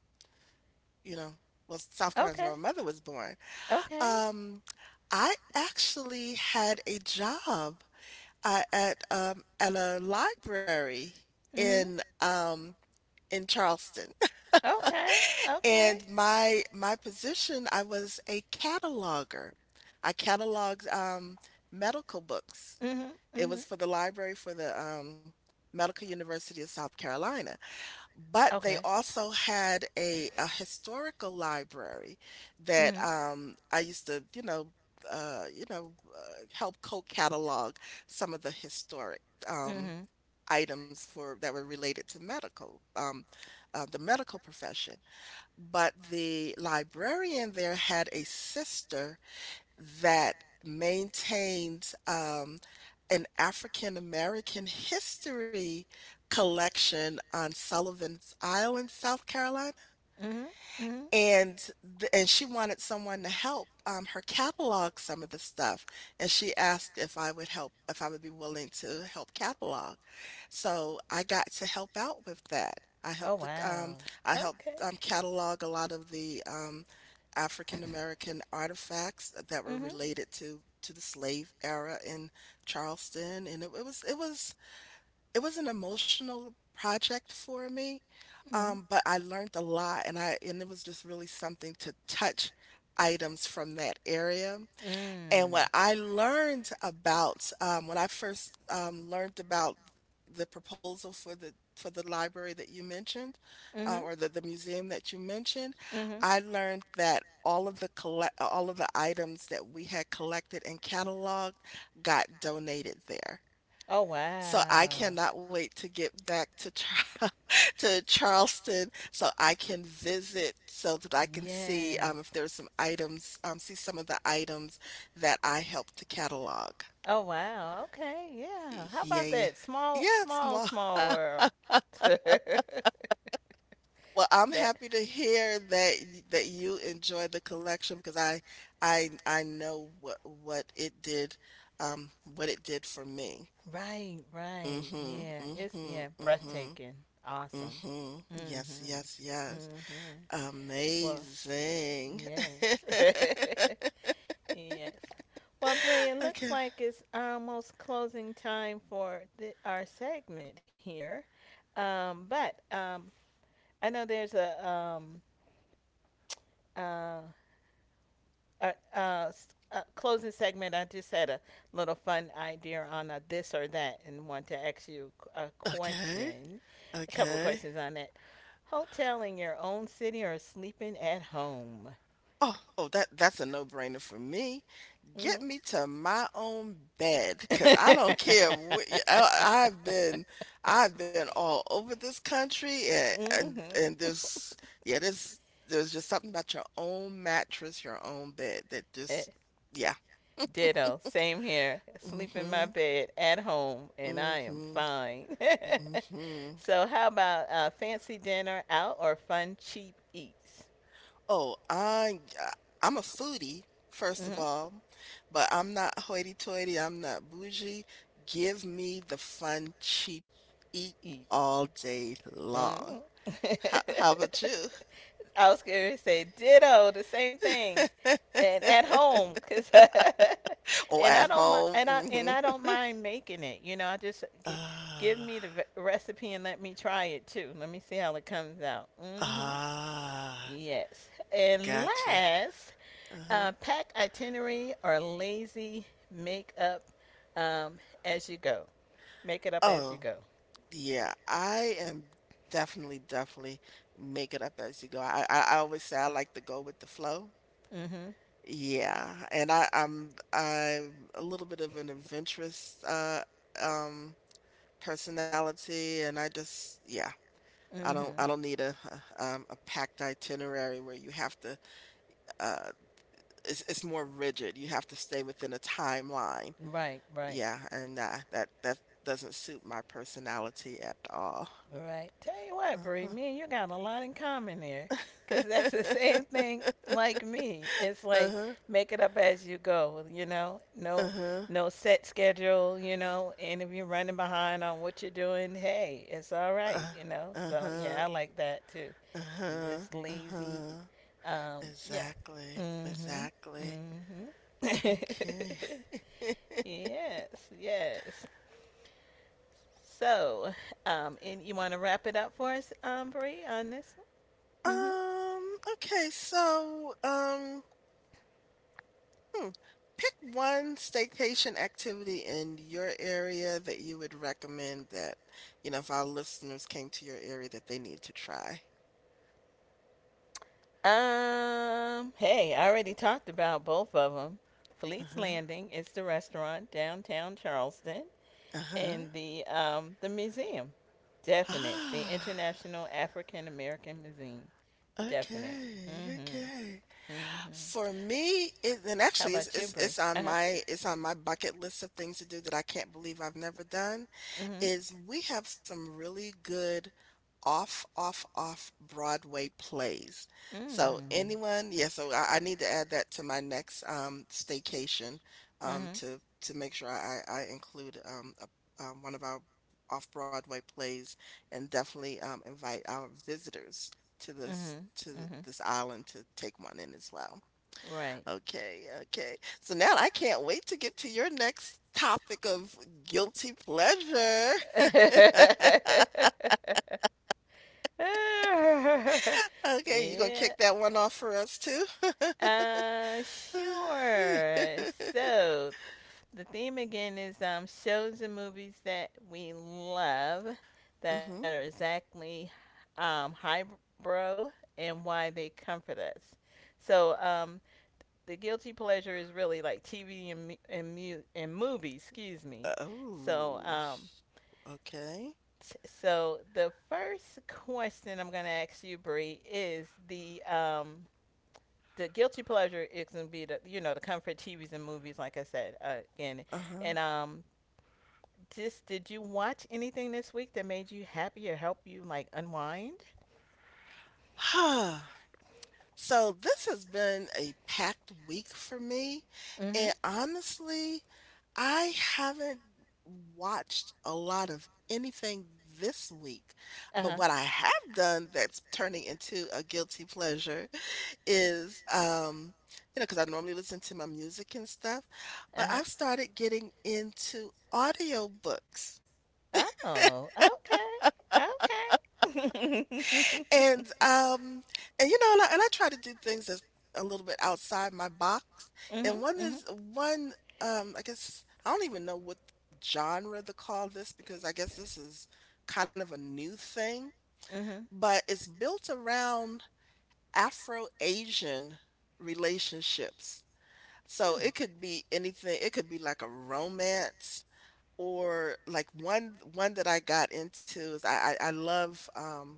Speaker 2: you know well South Carolina's
Speaker 1: Okay.
Speaker 2: where my mother was born.
Speaker 1: Okay.
Speaker 2: Um, I actually had a job uh, at um, at a library
Speaker 1: Mhm.
Speaker 2: in um, in Charleston.
Speaker 1: Okay. Okay.
Speaker 2: And my my position, I was a cataloger. I cataloged um, medical books.
Speaker 1: Mhm.
Speaker 2: It
Speaker 1: Mhm.
Speaker 2: was for the library for the um, Medical University of South Carolina.
Speaker 1: Okay.
Speaker 2: But they also had a, a historical library
Speaker 1: Mhm.
Speaker 2: that um, I used to, you know, uh, you know, uh, help co-catalog some of the historic um,
Speaker 1: Mhm.
Speaker 2: items for that were related to medical, um, uh, the medical profession. But the librarian there had a sister that maintained um, an African American history collection on Sullivan's Island, South Carolina.
Speaker 1: Mhm. Mhm.
Speaker 2: And th and she wanted someone to help, um, her catalog some of the stuff, and she asked if I would help if I would be willing to help catalog. So, I got to help out with that. I
Speaker 1: Oh,
Speaker 2: helped the um,
Speaker 1: wow.
Speaker 2: I helped,
Speaker 1: Okay.
Speaker 2: um, catalog a lot of the, um, African American artifacts that were
Speaker 1: Mhm.
Speaker 2: related to to the slave era in Charleston, and it it was it was it was an emotional project for me,
Speaker 1: Mhm. Mm.
Speaker 2: um, but I learned a lot and I and it was just really something to touch items from that area. And what I learned about um, when I first um, learned about the proposal for the for the library that you mentioned,
Speaker 1: Mhm.
Speaker 2: uh, or the, the museum that you mentioned,
Speaker 1: Mhm.
Speaker 2: I learned that all of the collect all of the items that we had collected and cataloged got donated there.
Speaker 1: Oh,
Speaker 2: So I
Speaker 1: wow.
Speaker 2: cannot wait to get back to Char [LAUGHS] to Charleston so I can visit so that I can see, um,
Speaker 1: Yes.
Speaker 2: if there's some items, um, see some of the items that I helped to catalog.
Speaker 1: Oh, wow. Okay. Yeah. How about
Speaker 2: Yeah.
Speaker 1: that? Small,
Speaker 2: Yes,
Speaker 1: small,
Speaker 2: ma.
Speaker 1: small world. [LAUGHS] that.
Speaker 2: Well, I'm happy to hear that y- that you enjoyed the collection because I I I know what what it did um what it did for me.
Speaker 1: Right. Right.
Speaker 2: Mm-hmm.
Speaker 1: Yeah. It's,
Speaker 2: Mm-hmm.
Speaker 1: yeah,
Speaker 2: Mm-hmm.
Speaker 1: breathtaking. Awesome.
Speaker 2: Mm-hmm. Yes,
Speaker 1: Mhm.
Speaker 2: yes, yes.
Speaker 1: Mhm. Well,
Speaker 2: Amazing.
Speaker 1: yes.
Speaker 2: [LAUGHS]
Speaker 1: [LAUGHS] yes. Well, Bray, it looks
Speaker 2: Okay,
Speaker 1: like it's almost closing time for the, our segment here. Um, but um, I know there's a, um, uh, a, a, s- a closing segment. I just had a little fun idea on a this or that, and want to ask you a
Speaker 2: okay,
Speaker 1: question, a couple of
Speaker 2: okay.
Speaker 1: questions on that. Hotel in your own city or sleeping at home?
Speaker 2: Oh, oh, that that's a no-brainer for me. Get
Speaker 1: Hmm.
Speaker 2: me to my own bed, cause I
Speaker 1: [LAUGHS]
Speaker 2: don't care what i I I've been I've been all over this country and and
Speaker 1: mhm.
Speaker 2: and there's yeah, there's there's just something about your own mattress, your own bed that just
Speaker 1: Eh.
Speaker 2: yeah.
Speaker 1: Ditto. Same here. Sleep in my
Speaker 2: Mhm.
Speaker 1: bed at home, and I am
Speaker 2: Mhm.
Speaker 1: fine.
Speaker 2: Mhm.
Speaker 1: [LAUGHS] So, how about, uh, fancy dinner out or fun cheap eats?
Speaker 2: Oh, I uh, I'm a foodie, first of
Speaker 1: Mm-hmm.
Speaker 2: all, but I'm not hoity-toity, I'm not bougie. Give me the fun, cheap eat
Speaker 1: Eats.
Speaker 2: all day
Speaker 1: Mm-hmm.
Speaker 2: long. How how about you?
Speaker 1: [LAUGHS] I was going to say ditto, the same thing,
Speaker 2: [LAUGHS]
Speaker 1: and at home, cause, [LAUGHS]
Speaker 2: Or
Speaker 1: and I
Speaker 2: at
Speaker 1: don't mind,
Speaker 2: home?
Speaker 1: and I and I
Speaker 2: [LAUGHS] Mhm.
Speaker 1: don't mind making it. You know, I just g- give
Speaker 2: Ah,
Speaker 1: me the ve- recipe and let me try it too. Let me see how it comes out. Mm-hmm.
Speaker 2: ah,
Speaker 1: Yes, and
Speaker 2: gotcha.
Speaker 1: last,
Speaker 2: Uh-huh.
Speaker 1: uh, pack itinerary or lazy make up, um, as you go. Make it up as you
Speaker 2: Oh,
Speaker 1: go.
Speaker 2: yeah. I am definitely, definitely make it up as you go. I, I I always say I like to go with the flow.
Speaker 1: Mm-hmm.
Speaker 2: Yeah, and I I'm I'm a little bit of an adventurous uh um personality and I just yeah, I don't
Speaker 1: Mm-hmm.
Speaker 2: I don't need a, [LAUGHS] a um a packed itinerary where you have to uh it's it's more rigid. You have to stay within a timeline.
Speaker 1: Right. Right.
Speaker 2: Yeah, and uh, that that doesn't suit my personality at all.
Speaker 1: Right. Tell you what, Bree,
Speaker 2: Uh-huh.
Speaker 1: me and you got a lot in common there. Because [LAUGHS] that's the same
Speaker 2: [LAUGHS]
Speaker 1: thing like me. It's like,
Speaker 2: Uh-huh.
Speaker 1: make it up as you go, you know? No
Speaker 2: Uh-huh.
Speaker 1: no set schedule, you know? And if you're running behind on what you're doing, hey, it's all
Speaker 2: Uh,
Speaker 1: right, you know? So,
Speaker 2: Uh-huh.
Speaker 1: yeah, I like that too.
Speaker 2: Uh-huh.
Speaker 1: This lazy,
Speaker 2: Uh-huh.
Speaker 1: um, yeah.
Speaker 2: Exactly,
Speaker 1: Mm hmm.
Speaker 2: exactly.
Speaker 1: Mm hmm.
Speaker 2: Okay.
Speaker 1: [LAUGHS] yes, yes. So, um, and you want to wrap it up for us, um, Bree, on this one? Hmm.
Speaker 2: Um, okay, so um Hmm. Pick one staycation activity in your area that you would recommend that, you know, if our listeners came to your area that they need to try.
Speaker 1: Um, hey, I already talked about both of them. Fleet's
Speaker 2: Uh-huh.
Speaker 1: Landing is the restaurant downtown Charleston,
Speaker 2: Uh-huh.
Speaker 1: and the um, the museum,
Speaker 2: [SIGHS]
Speaker 1: definite. The
Speaker 2: Ah,
Speaker 1: International African American Museum, definite.
Speaker 2: okay, okay.
Speaker 1: Mm-hmm. Mm-hmm.
Speaker 2: For me, it and
Speaker 1: How
Speaker 2: actually it's
Speaker 1: about you,
Speaker 2: it's
Speaker 1: Bree?
Speaker 2: it's on
Speaker 1: Uh huh.
Speaker 2: my it's on my bucket list of things to do that I can't believe I've never done.
Speaker 1: Mm-hmm.
Speaker 2: Is we have some really good off, off, off Broadway plays. So
Speaker 1: Mm.
Speaker 2: anyone, yeah, so I, I need to add that to my next um staycation um
Speaker 1: Mhm.
Speaker 2: to to make sure I I include um a, um, one of our off Broadway plays and definitely um invite our visitors to this
Speaker 1: Mhm.
Speaker 2: to
Speaker 1: Mhm.
Speaker 2: this island to take one in as well.
Speaker 1: Right.
Speaker 2: Okay, okay. So now I can't wait to get to your next topic of guilty pleasure. [LAUGHS]
Speaker 1: [LAUGHS] [LAUGHS]
Speaker 2: Okay, you gonna kick
Speaker 1: yeah.
Speaker 2: that one off for us too? [LAUGHS]
Speaker 1: Uh, sure. So, the theme again is, um, shows and movies that we love that are
Speaker 2: Hmm.
Speaker 1: exactly, um, highbrow, and why they comfort us. So, um, the guilty pleasure is really like T V and mu- and, mu- and movies, excuse me. So,
Speaker 2: Oh,
Speaker 1: um,
Speaker 2: okay.
Speaker 1: so the first question I'm going to ask you, Bree, is the um the guilty pleasure is going to be the you know the comfort T Vs and movies, like I said, uh, again, and um just, did you watch anything this week that made you happy or help you like unwind?
Speaker 2: Uh-huh. [SIGHS] So this has been a packed week for me,
Speaker 1: Mm-hmm.
Speaker 2: and honestly, I haven't watched a lot of anything this week,
Speaker 1: Uh
Speaker 2: but
Speaker 1: huh.
Speaker 2: what I have done that's turning into a guilty pleasure is, um, you know, because I normally listen to my music and stuff,
Speaker 1: Uh
Speaker 2: but
Speaker 1: huh.
Speaker 2: I've started getting into audiobooks.
Speaker 1: Oh, okay. Okay. [LAUGHS]
Speaker 2: And, um, and, you know, and I and I try to do things that's a little bit outside my box.
Speaker 1: mhm.
Speaker 2: And one
Speaker 1: Mhm.
Speaker 2: is one, um, I guess I don't even know what genre to call this because I guess this is kind of a new thing,
Speaker 1: Mhm.
Speaker 2: but it's built around Afro-Asian relationships. So
Speaker 1: Hmm.
Speaker 2: it could be anything. It could be like a romance or like one one that I got into is I I, I love um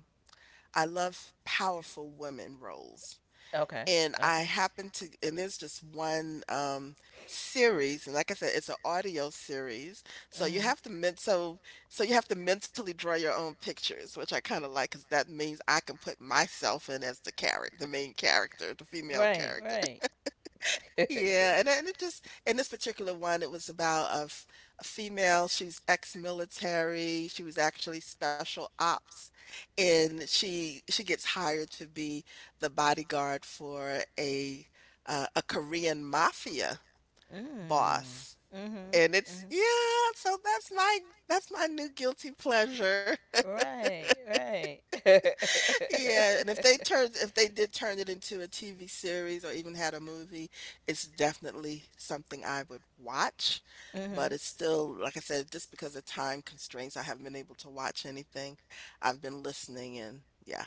Speaker 2: I love powerful women roles.
Speaker 1: Okay.
Speaker 2: And I
Speaker 1: Okay.
Speaker 2: happen to, and there's just one um, series, and like I said, it's an audio series. So you
Speaker 1: Mhm.
Speaker 2: have to men- so so you have to mentally draw your own pictures, which I kind of like, because that means I can put myself in as the character, the main character, the female
Speaker 1: Right.
Speaker 2: character.
Speaker 1: Right. [LAUGHS]
Speaker 2: Yeah, and and it just in this particular one, it was about a, f- a female. She's ex-military. She was actually special ops, and she she gets hired to be the bodyguard for a uh, a Korean mafia
Speaker 1: mm.
Speaker 2: boss.
Speaker 1: Mhm.
Speaker 2: And it's
Speaker 1: Mhm.
Speaker 2: yeah, so that's my that's my new guilty pleasure.
Speaker 1: Right. Right. [LAUGHS]
Speaker 2: Yeah, and if they turned if they did turn it into a T V series or even had a movie, it's definitely something I would watch, but
Speaker 1: mhm.
Speaker 2: it's still, like I said, just because of time constraints, I haven't been able to watch anything. I've been listening and yeah,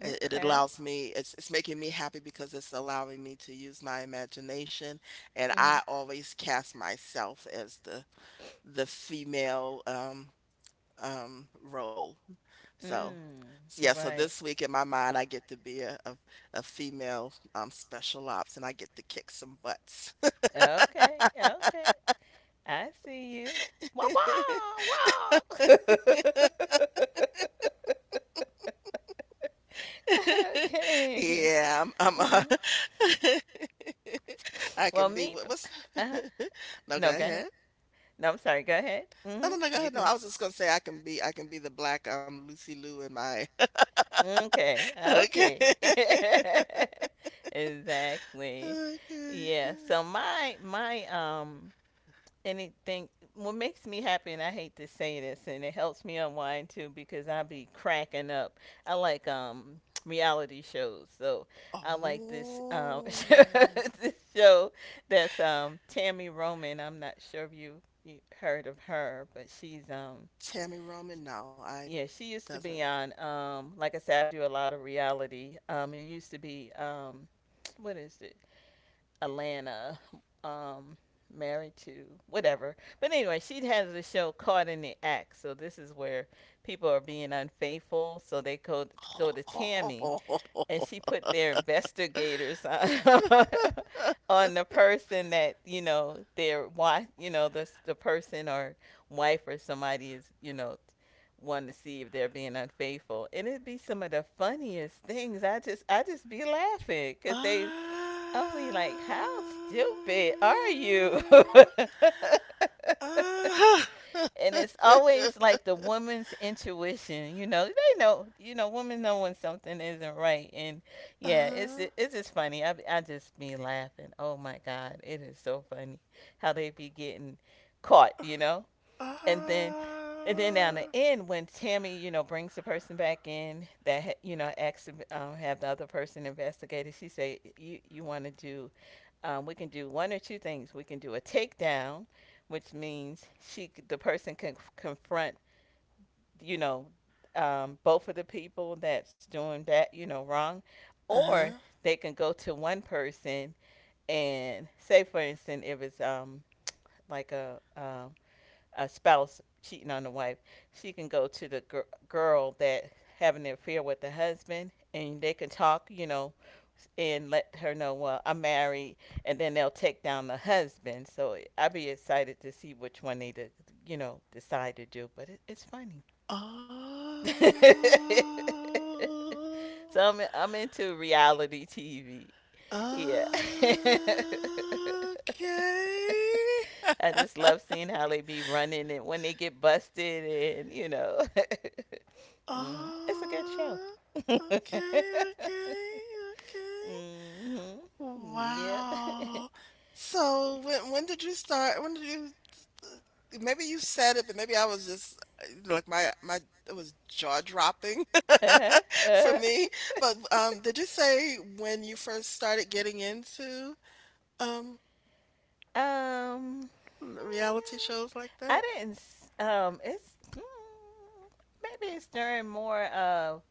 Speaker 2: it, it
Speaker 1: Okay.
Speaker 2: allows me, it's it's making me happy because it's allowing me to use my imagination, and
Speaker 1: Mm-hmm.
Speaker 2: I always cast myself as the the female um um role. So,
Speaker 1: Mm,
Speaker 2: s yeah, so
Speaker 1: right.
Speaker 2: this week in my mind, I get to be a a, a female, um, special ops, and I get to kick some butts.
Speaker 1: Okay. Okay. I see you. Wah,
Speaker 2: [LAUGHS]
Speaker 1: wah, wah. [LAUGHS] okay.
Speaker 2: Yeah, I'm, I'm uh,
Speaker 1: Mm.
Speaker 2: [LAUGHS] I
Speaker 1: Well,
Speaker 2: can be
Speaker 1: me.
Speaker 2: what
Speaker 1: p-
Speaker 2: what's
Speaker 1: Uh-huh.
Speaker 2: [LAUGHS] no, go
Speaker 1: No, go ahead.
Speaker 2: ahead.
Speaker 1: No, I'm sorry. Go ahead.
Speaker 2: No, no,
Speaker 1: Mm-hmm.
Speaker 2: no, go
Speaker 1: You
Speaker 2: ahead. No,
Speaker 1: can.
Speaker 2: I was just gonna say I can be I can be the black um Lucy Lou in my
Speaker 1: Okay.
Speaker 2: [LAUGHS] okay.
Speaker 1: Okay.
Speaker 2: [LAUGHS]
Speaker 1: [LAUGHS] exactly.
Speaker 2: Okay.
Speaker 1: Yeah. So my my um anything, what makes me happy, and I hate to say this, and it helps me unwind too, because I be cracking up. I like, um [TSK] reality shows. So I like this, um [LAUGHS]
Speaker 2: Oh,
Speaker 1: this show that's, um Tammy Roman. I'm not sure if you you heard of her, but she's, um
Speaker 2: Tammy Roman. No, I
Speaker 1: yeah, she used to
Speaker 2: doesn't.
Speaker 1: be on. Um, like I said, I do a lot of reality. Um, it used to be, um, what is it? Atlanta. Um, Married to whatever. But anyway, she has a show, Caught in the Act. So this is where people are being unfaithful. So they go go to Tammy and
Speaker 2: [LAUGHS]
Speaker 1: she put their investigators on, [LAUGHS] on the person that, you know their wife, you know the the person or wife or somebody is, you know wanting to see if they're being unfaithful, and it'd be some of the funniest things. I just I just be laughing,
Speaker 2: Ah.
Speaker 1: because
Speaker 2: Ah.
Speaker 1: they only, like, how stupid are you. [LAUGHS]
Speaker 2: [LAUGHS]
Speaker 1: And it's always
Speaker 2: Uh-huh.
Speaker 1: like the woman's intuition, you know they know, you know women know when something isn't right. And yeah, it's
Speaker 2: Ah.
Speaker 1: it's just funny. I, I just be laughing, oh my god, it is so funny how they be getting caught, you know and then and then down the end, when Tammy, you know brings the person back in that, you know asks to, um, have the other person investigated, she say, you you want to do, um, we can do one or two things. We can do a takedown, which means she, the person, can confront, you know um, both of the people that's doing that, you know wrong, or
Speaker 2: Uh-huh.
Speaker 1: they can go to one person and say, for instance, if it's, um like a um a spouse cheating on the wife, she can go to the gir- girl that having an affair with the husband, and they can talk, you know, and let her know, well, I'm married, and then they'll take down the husband. So I'd be excited to see which one they, de- you know, decide to do. But it, it's funny. [LAUGHS] So I'm I'm into reality T V. Yeah.
Speaker 2: Ah. Okay.
Speaker 1: [LAUGHS] I
Speaker 2: [LAUGHS]
Speaker 1: just love seeing how they be running and when they get busted and you know. [LAUGHS] Mm, it's a good show.
Speaker 2: Ah.
Speaker 1: [LAUGHS]
Speaker 2: Okay,
Speaker 1: hmm
Speaker 2: okay, okay.
Speaker 1: Yep.
Speaker 2: Wow.
Speaker 1: [LAUGHS]
Speaker 2: So when when did you start? When did you? uh, Maybe you said it, but maybe I was just uh, like my my it was jaw dropping
Speaker 1: uh-huh.
Speaker 2: [LAUGHS] for
Speaker 1: Uh-huh.
Speaker 2: me. But
Speaker 1: [LAUGHS]
Speaker 2: um, did you say when you first started getting into um
Speaker 1: Um,
Speaker 2: reality
Speaker 1: hmm,
Speaker 2: shows like
Speaker 1: I
Speaker 2: that?
Speaker 1: didn't. S- Um, it's, mm, maybe it's during more of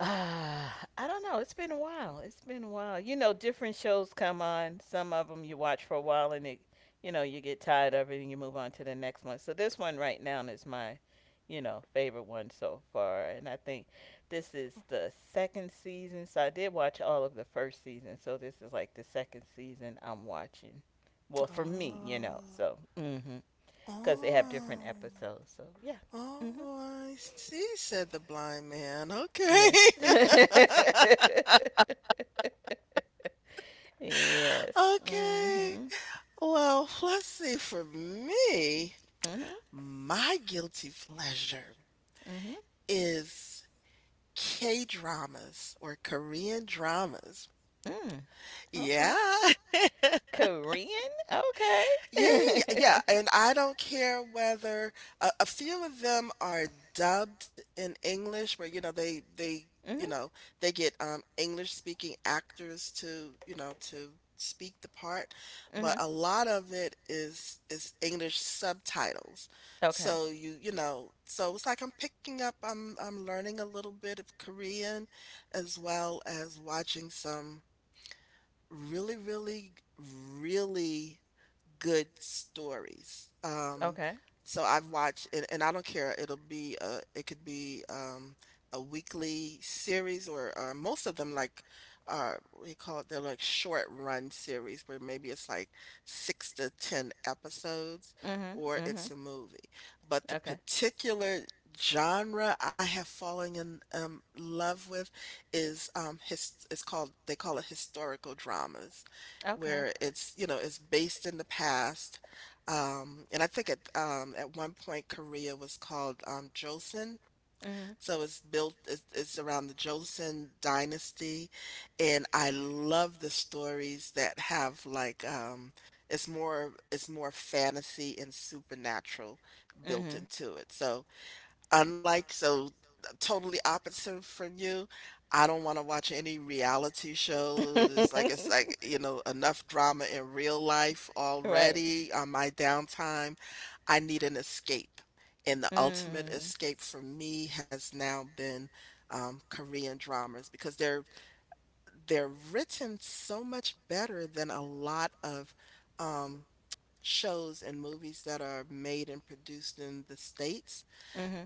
Speaker 1: Uh, I don't know. It's been a while. It's been a while. You know, different shows come on. Some of them you watch for a while, and it, you know, you get tired of it and you move on to the next one. So this one right now is my, you know, favorite one so far. And I think this is the second season. So I did watch all of the first season. So this is like the second season I'm watching. Well, for me, you know.
Speaker 2: Oh,
Speaker 1: So, mm hmm. Because they have different
Speaker 2: oh,
Speaker 1: episodes. So, yeah.
Speaker 2: oh!
Speaker 1: Mm-hmm.
Speaker 2: I see," said the blind man. Okay,
Speaker 1: Yes. [LAUGHS]
Speaker 2: [LAUGHS]
Speaker 1: yes.
Speaker 2: okay.
Speaker 1: Mhm.
Speaker 2: Well, let's see, for me,
Speaker 1: Mhm.
Speaker 2: my guilty pleasure
Speaker 1: Mhm.
Speaker 2: is K-dramas or Korean dramas.
Speaker 1: Mm.
Speaker 2: Yeah.
Speaker 1: Okay.
Speaker 2: [LAUGHS]
Speaker 1: Korean?
Speaker 2: Yeah, yeah, yeah, yeah,
Speaker 1: Okay. [LAUGHS]
Speaker 2: and I don't care whether a, a few of them are dubbed in English, where you know they they you
Speaker 1: mhm.
Speaker 2: know they get um, English speaking actors to you know to speak the part, but
Speaker 1: Mhm.
Speaker 2: a lot of it is is English subtitles.
Speaker 1: Okay.
Speaker 2: So you you know so it's like I'm picking up I'm I'm learning a little bit of Korean, as well as watching some really really really good stories. Um,
Speaker 1: Okay.
Speaker 2: so I've watched, and, and I don't care. It'll be uh, it could be um, a weekly series, or uh, most of them like uh, what do you call it? They're like short run series where maybe it's like six to ten episodes,
Speaker 1: Mhm.
Speaker 2: or it's
Speaker 1: Mhm.
Speaker 2: a movie. But the
Speaker 1: Okay.
Speaker 2: particular genre I have fallen in um, love with is um his. It's called they call it historical dramas
Speaker 1: Okay.
Speaker 2: where it's, you know, it's based in the past. Um, and I think at um, at one point Korea was called um, Joseon,
Speaker 1: Mhm.
Speaker 2: so it's built it's, it's around the Joseon dynasty, and I love the stories that have like um, it's more it's more fantasy and supernatural built
Speaker 1: Mhm.
Speaker 2: into it. So Unlike so, totally opposite from you, I don't wanna watch any reality
Speaker 1: [LAUGHS] shows.
Speaker 2: shows,
Speaker 1: It's
Speaker 2: it's like it's like,
Speaker 1: right.
Speaker 2: you
Speaker 1: [LAUGHS]
Speaker 2: know, enough drama in real life
Speaker 1: You know, enough drama in real life. Right. Already.
Speaker 2: already on my downtime. I need an escape, and the
Speaker 1: That. Mm.
Speaker 2: ultimate
Speaker 1: Escapes me.
Speaker 2: escape for me has now been, um, Korean dramas because they're they're written so much better than a lot of, um, shows and movies that are made and produced in the States.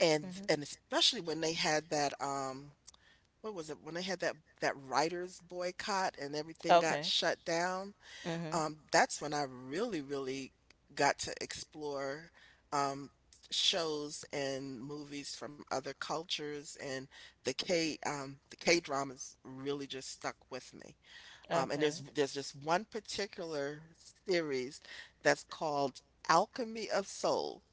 Speaker 2: And and especially when they had that um what was it? When they had that that writers boycott and everything got shut down,
Speaker 1: Mhm. Okay. There's,
Speaker 2: um that's when I really really got to explore um shows and movies from other cultures and the K um the K dramas really just stuck with me. Um and there's there's just one particular series that's called Alchemy of Soul,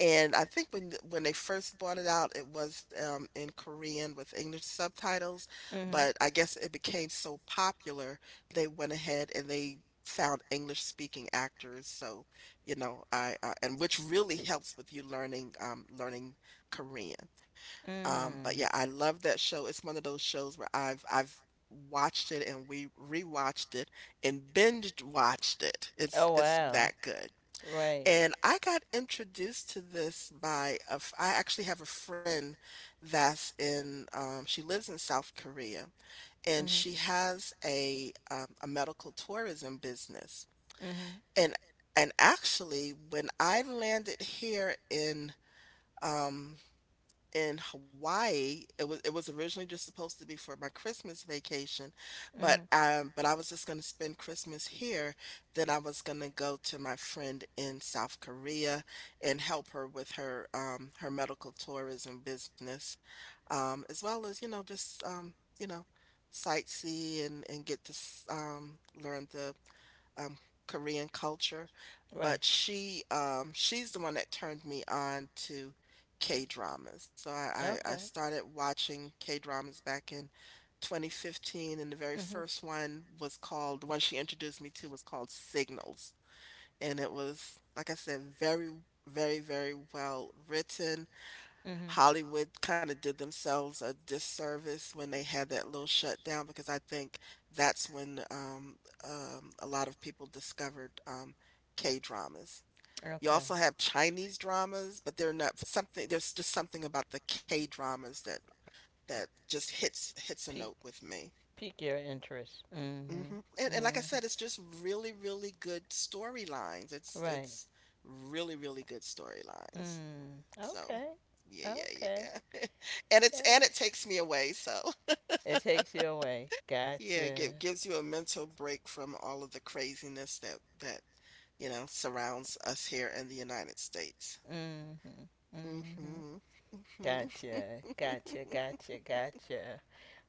Speaker 2: and I think when when they first brought it out, it was um, in Korean with English subtitles,
Speaker 1: subtitles. Mhm. Mm. Think
Speaker 2: but
Speaker 1: the,
Speaker 2: I guess it became so popular, they went ahead and they found English speaking actors. So, you know, I uh, and which really helps with you learning um, learning Korean. Um, but yeah, I love that show. It's one of those shows where I've I've watched it and we rewatched it and binge watched it.
Speaker 1: oh,
Speaker 2: It's
Speaker 1: show was
Speaker 2: it's that
Speaker 1: wow.
Speaker 2: good.
Speaker 1: Good. Right.
Speaker 2: And I got introduced to this by a f I actually have a friend that's in, um, she lives in South Korea and
Speaker 1: Mm-hmm.
Speaker 2: she has a, um, a medical tourism business.
Speaker 1: Mm-hmm.
Speaker 2: And and actually, when I landed here in, um, in Hawaii. It was it was originally just supposed to be for my Christmas vacation, but
Speaker 1: Mm-hmm.
Speaker 2: um but I was just gonna spend Christmas here. Then I was gonna go to my friend in South Korea and help her with her um her medical tourism business. Um as well as, you know, just um, you know, sightsee and and get to s- um learn the um, Korean culture,
Speaker 1: Right.
Speaker 2: but she um, she's the one that turned me on to K-dramas. So I, I, I
Speaker 1: Okay.
Speaker 2: started watching K-dramas back in twenty fifteen, and the very
Speaker 1: Mm-hmm.
Speaker 2: first one was called, the one she introduced me to was called Signals. And it was, like I said, very, very, very well written.
Speaker 1: Mm-hmm.
Speaker 2: Hollywood kind of did themselves a disservice when they had that little shutdown because I think that's when um, um, a lot of people discovered um, K dramas. You
Speaker 1: Okay.
Speaker 2: also have Chinese dramas, but they're not something. There's just something about the K dramas that that just hits hits a note
Speaker 1: Pique
Speaker 2: with me.
Speaker 1: pique your interest.
Speaker 2: Hmm. And
Speaker 1: Mm-hmm.
Speaker 2: and like I
Speaker 1: Mm-hmm.
Speaker 2: said, it's just really really good storylines. It's
Speaker 1: Right.
Speaker 2: it's really really good storylines.
Speaker 1: Mm.
Speaker 2: So,
Speaker 1: Okay.
Speaker 2: yeah, yeah,
Speaker 1: Okay.
Speaker 2: yeah. [LAUGHS] And it's
Speaker 1: Yeah.
Speaker 2: and it takes me away, so
Speaker 1: It takes you away.
Speaker 2: [LAUGHS] yeah, it gi-
Speaker 1: Gotcha.
Speaker 2: gives you a mental break from all of the craziness that that, you know, surrounds us here in the United States.
Speaker 1: Mm-hmm. Mm-hmm.
Speaker 2: Mm-hmm. Mm-hmm.
Speaker 1: Gotcha. Gotcha. Gotcha. Gotcha.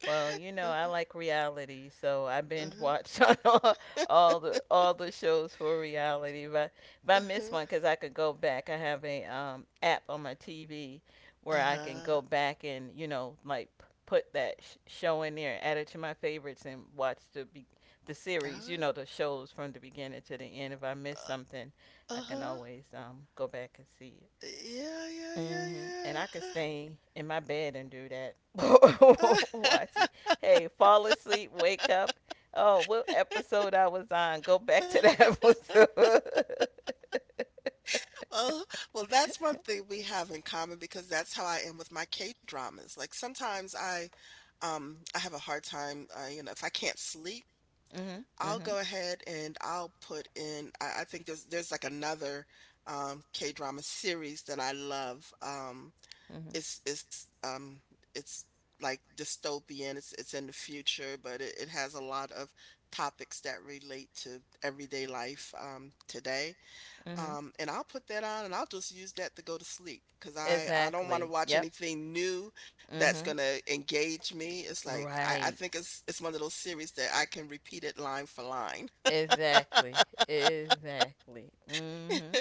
Speaker 1: Well, you know, I
Speaker 2: Uh-huh.
Speaker 1: like reality, so I binge
Speaker 2: Uh-huh.
Speaker 1: watched [LAUGHS] on all, all the all the shows for reality. But if I miss
Speaker 2: Uh-huh.
Speaker 1: one, because I could go back, I have a, um, app on my T V where I can
Speaker 2: Uh-huh.
Speaker 1: go back and, you know, like p- put that sh- show in there, add it to my favorites, and watch the be- the series. You
Speaker 2: Uh,
Speaker 1: know, the shows from the beginning to the end. If I miss something,
Speaker 2: uh,
Speaker 1: I can
Speaker 2: uh-huh.
Speaker 1: always, um, go back and see it.
Speaker 2: Yeah, yeah,
Speaker 1: hmm And
Speaker 2: yeah,
Speaker 1: I could
Speaker 2: yeah.
Speaker 1: stay in my bed and do that.
Speaker 2: Uh-huh.
Speaker 1: [LAUGHS]
Speaker 2: Uh-huh.
Speaker 1: Watch it. Hey, fall asleep, wake up. Oh, what episode I was on? Go back to that [LAUGHS]
Speaker 2: [LAUGHS]
Speaker 1: episode.
Speaker 2: Oh, well, that's one thing we have in common because that's how I am with my K-dramas. Like sometimes I Um, I have a hard time, uh, you know, if I can't sleep,
Speaker 1: Mhm.
Speaker 2: I'll go
Speaker 1: Mhm.
Speaker 2: ahead and I'll put in I, I think there's there's like another um K-drama series that I love. Um
Speaker 1: Mhm.
Speaker 2: it's it's um it's like dystopian. It's it's in the future, but it, it has a lot of topics that relate to everyday life um today.
Speaker 1: Mhm.
Speaker 2: Um, and I'll put that on and I'll just use that to go to sleep because I, I don't want to
Speaker 1: Exactly.
Speaker 2: watch
Speaker 1: Yep.
Speaker 2: anything new that's
Speaker 1: Mhm.
Speaker 2: gonna engage me. It's like I, I
Speaker 1: Right.
Speaker 2: think it's it's one of those series that I can repeat it line for line. [LAUGHS]
Speaker 1: Exactly. Exactly. Mhm.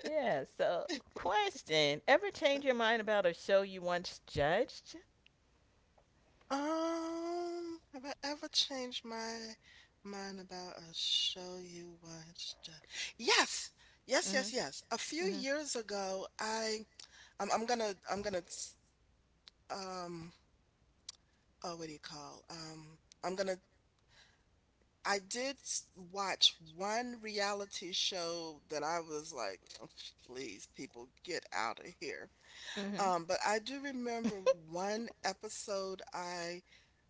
Speaker 1: Yeah. So, question: ever change your mind about a show you once judged?
Speaker 2: Um, have I ever changed my mind about a show you watched? Uh, Yes, yes, yes, yes. A few
Speaker 1: Mhm.
Speaker 2: years ago, I I'm, I'm gonna I'm gonna s- um oh what do you call um I'm gonna I did s- watch one reality show that I was like, "Oh, please, people, get out of here.
Speaker 1: Mhm.
Speaker 2: Um, but I do remember one episode I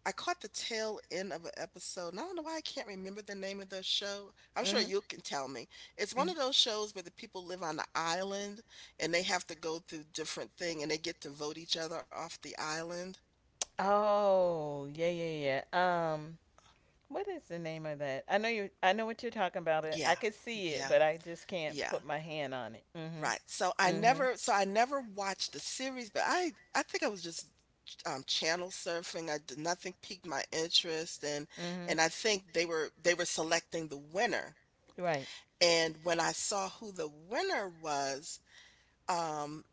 Speaker 2: I caught the tail end of an episode, and I don't know why I can't remember the name of the show. I'm sure
Speaker 1: Mhm.
Speaker 2: you can tell me. It's one
Speaker 1: Mhm.
Speaker 2: of those shows where the people live on an island and they have to go through different thing and they get to vote each other off the island.
Speaker 1: Oh, yeah, yeah, yeah. Um, what is the name of that? I know you. I know what you're talking about. It. I
Speaker 2: Yeah,
Speaker 1: could see it,
Speaker 2: yeah,
Speaker 1: but I just can't put
Speaker 2: yeah.
Speaker 1: my hand on it. Mhm.
Speaker 2: Right. So I
Speaker 1: Mhm.
Speaker 2: never so I never watched the series, but I I think I was just um channel surfing. I did nothing piqued my interest and
Speaker 1: Mhm.
Speaker 2: and I think they were they were selecting the winner.
Speaker 1: Right.
Speaker 2: And when I saw who the winner was, um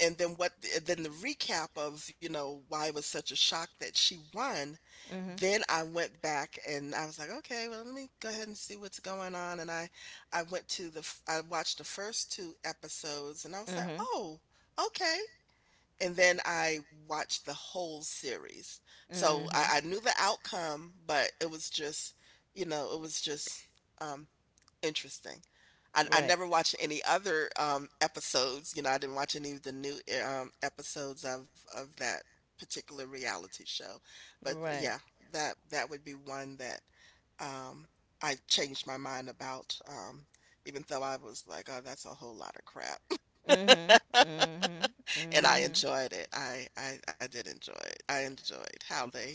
Speaker 2: and then what then the recap of, you know, why it was such a shock that she won.
Speaker 1: Mhm.
Speaker 2: Then I went back and I was like, okay, well, let me go ahead and see what's going on, and i i went to the f- I watched the first two episodes and I was like,
Speaker 1: Mhm.
Speaker 2: oh, okay. And then I watched the whole series, so i,
Speaker 1: Mhm.
Speaker 2: I knew the outcome, but it was just, you know, it was just um interesting. I I
Speaker 1: Right.
Speaker 2: never watched any other, um, episodes. You know, I didn't watch any of the new, eh, um, episodes of of that particular reality show, but yeah, that that would be one that, um, I changed my mind about, um, even though I was like, "Oh, that's a whole lot of crap,"
Speaker 1: Right. Mhm. Mhm.
Speaker 2: [LAUGHS]
Speaker 1: [LAUGHS] and I
Speaker 2: and I
Speaker 1: Mhm.
Speaker 2: enjoyed it. I I I did enjoy it. I enjoyed how they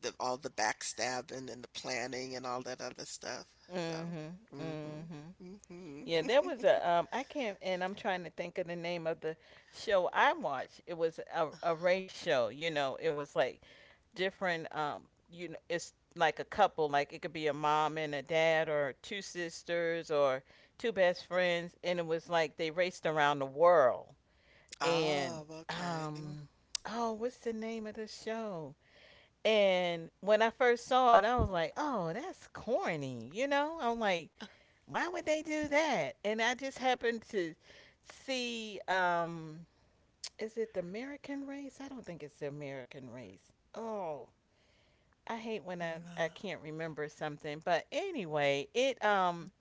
Speaker 2: the all the backstabbing and the planning and all that other stuff. So,
Speaker 1: Mhm.
Speaker 2: mhm.
Speaker 1: Mhm.
Speaker 2: Mhm.
Speaker 1: Yeah, there was a,
Speaker 2: [LAUGHS]
Speaker 1: um I can't, and I'm trying to think of the name of the show I watched. It was a a race show. You know, it was like different, um you know it's like a couple, like it could be a mom and a dad, or two sisters, or two best friends, and it was like they raced around the world. And,
Speaker 2: Oh, okay.
Speaker 1: um oh, what's the name of the show? And when I first saw it, I was like, oh, that's corny. you know I'm like, why would they do that? And I just happened to see, um is it the American Race? I don't think it's the American Race. Oh, I hate when I, I
Speaker 2: Mm,
Speaker 1: can't remember something. But anyway, it, um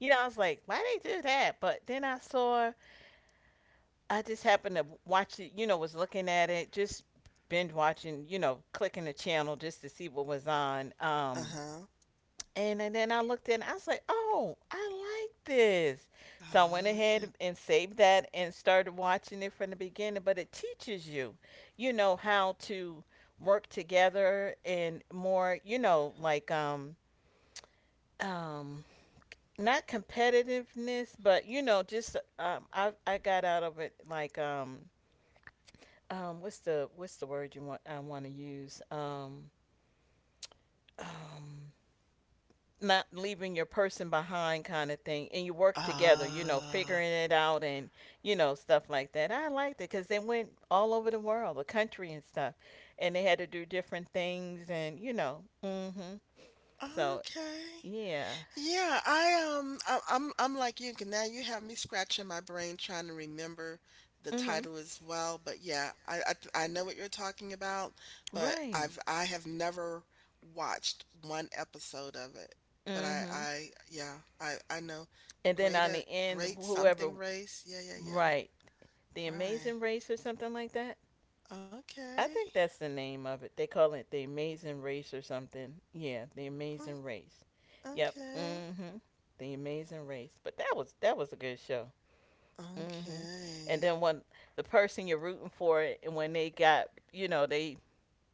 Speaker 1: you know, I was like, why they do that? But then I saw, I just happened to watch it, you know, was looking at it, just binge watching, you know, clicking the channel just to see what was on. Um
Speaker 2: uh-huh.
Speaker 1: and, and then I looked in, I was like, oh, I like this. So I went
Speaker 2: Oh, okay.
Speaker 1: ahead and saved that and started watching it from the beginning. But it teaches you, you know, how to work together and more, you know, like um um not competitiveness, but you know, just um i i got out of it, like um um what's the what's the word you want I want to use um um not leaving your person behind, kind of thing, and you work together, you know,
Speaker 2: Ah,
Speaker 1: figuring it out, and you know, stuff like that. I liked it because they went all over the world, the country and stuff, and they had to do different things, and you know. Hmm so
Speaker 2: okay.
Speaker 1: yeah.
Speaker 2: Yeah, I um I, I'm I'm like you 'cause now you have me scratching my brain trying to remember the
Speaker 1: hmm
Speaker 2: title as well, but yeah, I I, th- I know what you're talking about, but I've
Speaker 1: right.
Speaker 2: I have never watched one episode of it. But I
Speaker 1: hmm
Speaker 2: I yeah, I I know the
Speaker 1: and then
Speaker 2: great
Speaker 1: on
Speaker 2: uh,
Speaker 1: the end,
Speaker 2: great
Speaker 1: whoever.
Speaker 2: something race. Yeah, yeah, yeah.
Speaker 1: Right, the
Speaker 2: Right.
Speaker 1: Amazing Race or something like that.
Speaker 2: Okay.
Speaker 1: I think that's the name of it. They call it the Amazing Race or something. Yeah, the
Speaker 2: Oh,
Speaker 1: Amazing Race. Yep. mm
Speaker 2: okay.
Speaker 1: Mhm. The Amazing Race. But that was that was a good show. mm Mhm. And
Speaker 2: Okay.
Speaker 1: then when the person you're rooting for, and when they got, you know, they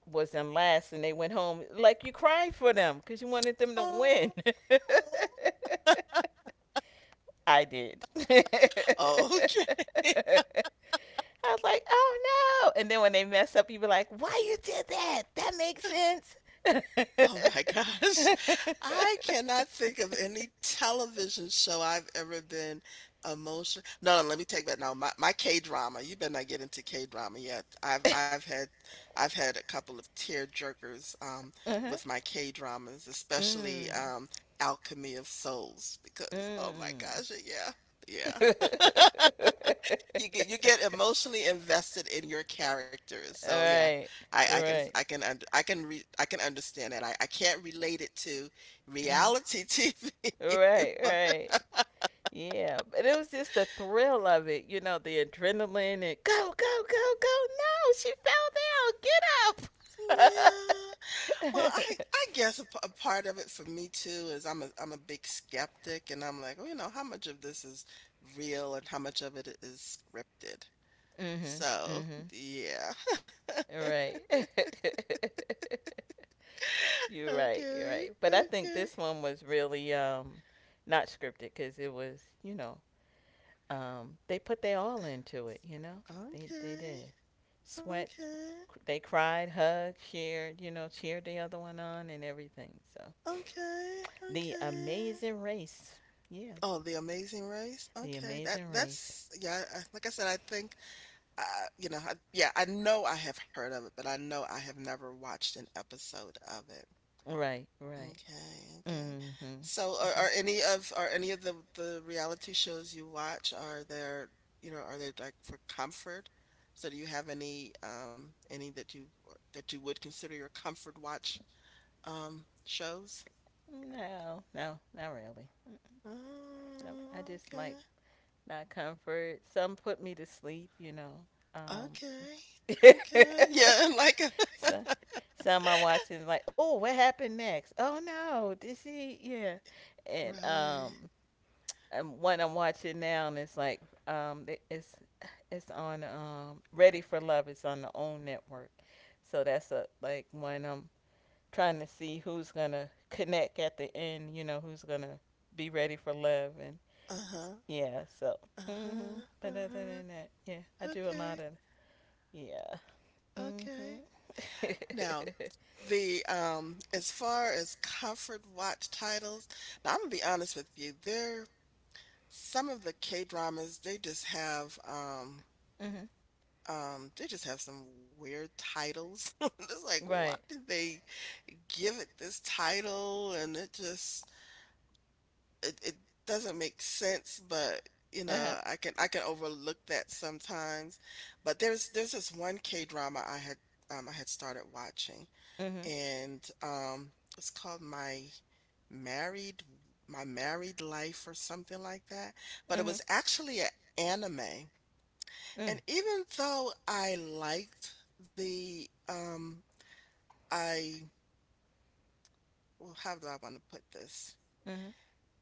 Speaker 1: was in last and they went home, like you cried for them because you wanted them to win.
Speaker 2: Oh.
Speaker 1: [LAUGHS] I did.
Speaker 2: [LAUGHS]
Speaker 1: [LAUGHS]
Speaker 2: Okay.
Speaker 1: I was like, oh no. And then when they mess up, you be like, why you did that? That makes sense. [LAUGHS]
Speaker 2: Oh my gosh. [LAUGHS] I cannot think of any television show I've ever been emotional. No, no, let me take that. No, my, my K-drama. You better not get into K-drama yet. I've I've had I've had a couple of tear jerkers um
Speaker 1: Uh-huh.
Speaker 2: with my K-dramas,
Speaker 1: Mm,
Speaker 2: especially um Alchemy of Souls because oh my
Speaker 1: mm.
Speaker 2: gosh, yeah. Yeah. [LAUGHS]
Speaker 1: [LAUGHS]
Speaker 2: You get you get emotionally invested in your characters. So yeah,
Speaker 1: Right,
Speaker 2: I I can I
Speaker 1: right.
Speaker 2: can und I can re I can understand that. I I can't relate it to
Speaker 1: Mm-hmm.
Speaker 2: reality T V,
Speaker 1: Right,
Speaker 2: [LAUGHS] but
Speaker 1: right. Yeah, but it was just the thrill of it, you know, the adrenaline and go, go, go, go. No, she fell
Speaker 2: yeah.
Speaker 1: down.
Speaker 2: Well,
Speaker 1: Get
Speaker 2: I
Speaker 1: up.
Speaker 2: I guess a, p- a part of it for me too is I'm a I'm a big skeptic, and I'm like, well, you know, how much of this is real and how much of it is scripted.
Speaker 1: [LAUGHS] Mhm.
Speaker 2: So
Speaker 1: Mhm.
Speaker 2: yeah. [LAUGHS]
Speaker 1: Right. [LAUGHS] You're right. You're
Speaker 2: Okay.
Speaker 1: right. But I think
Speaker 2: Okay.
Speaker 1: this one was really um not scripted, cuz it was, you know, um they put their all into it, you know? They they
Speaker 2: Okay.
Speaker 1: did. Sweat,
Speaker 2: Okay.
Speaker 1: c- they cried, hugged, shared, you know, cheered the other one on and everything. So,
Speaker 2: Okay,
Speaker 1: the
Speaker 2: okay.
Speaker 1: Amazing Race. Yeah,
Speaker 2: Oh, The Amazing Race?
Speaker 1: the
Speaker 2: Okay, that
Speaker 1: Amazing Race.
Speaker 2: that's yeah, I, like I said, I think, uh, you know, I, yeah, I know I have heard of it, but I know I have never watched an episode of it.
Speaker 1: Right, right.
Speaker 2: Okay, okay.
Speaker 1: Mm-hmm.
Speaker 2: So are,
Speaker 1: Mm-hmm.
Speaker 2: are any of are any of the the reality shows you watch, are there, you know, are they like for comfort? So do you have any um any that you that you would consider your comfort watch um shows?
Speaker 1: No, no, not really. Mm. Nope. I
Speaker 2: Oh,
Speaker 1: just like
Speaker 2: okay.
Speaker 1: my comfort. Some put me to sleep, you know. Um,
Speaker 2: Okay, okay. Yeah, [LAUGHS] like a
Speaker 1: [LAUGHS] so, some I watch and like, oh, what happened next? Oh no, did she? Yeah. And
Speaker 2: Right.
Speaker 1: um, um, one I'm watching now, and it's like um, it's it's on um, Ready for Love. It's on the O W N network, so that's a, like, when I'm trying to see who's gonna connect at the end. You know, who's gonna be ready for love, and
Speaker 2: Uh-huh.
Speaker 1: yeah. So, hmm
Speaker 2: Uh-huh.
Speaker 1: but other
Speaker 2: Uh-huh.
Speaker 1: than that, yeah, I do a
Speaker 2: Okay.
Speaker 1: lot of yeah.
Speaker 2: Okay.
Speaker 1: Mm-hmm. [LAUGHS]
Speaker 2: Now, the um as far as comfort watch titles, now I'm gonna be honest with you, there some of the K-dramas, they just have um
Speaker 1: Mm-hmm.
Speaker 2: um they just have some weird titles. [LAUGHS] It's like, why
Speaker 1: Right.
Speaker 2: did they give it this title? And it just it, it doesn't make sense, but you
Speaker 1: Uh huh.
Speaker 2: know, I can I can overlook that sometimes. But there's there's this one K drama I had um I had started watching
Speaker 1: Mm-hmm.
Speaker 2: and um it's called My Married My Married Life or something like that. But it
Speaker 1: Mm-hmm.
Speaker 2: was actually an anime. And even though I liked the um I well, how do I want to put this?
Speaker 1: Mm.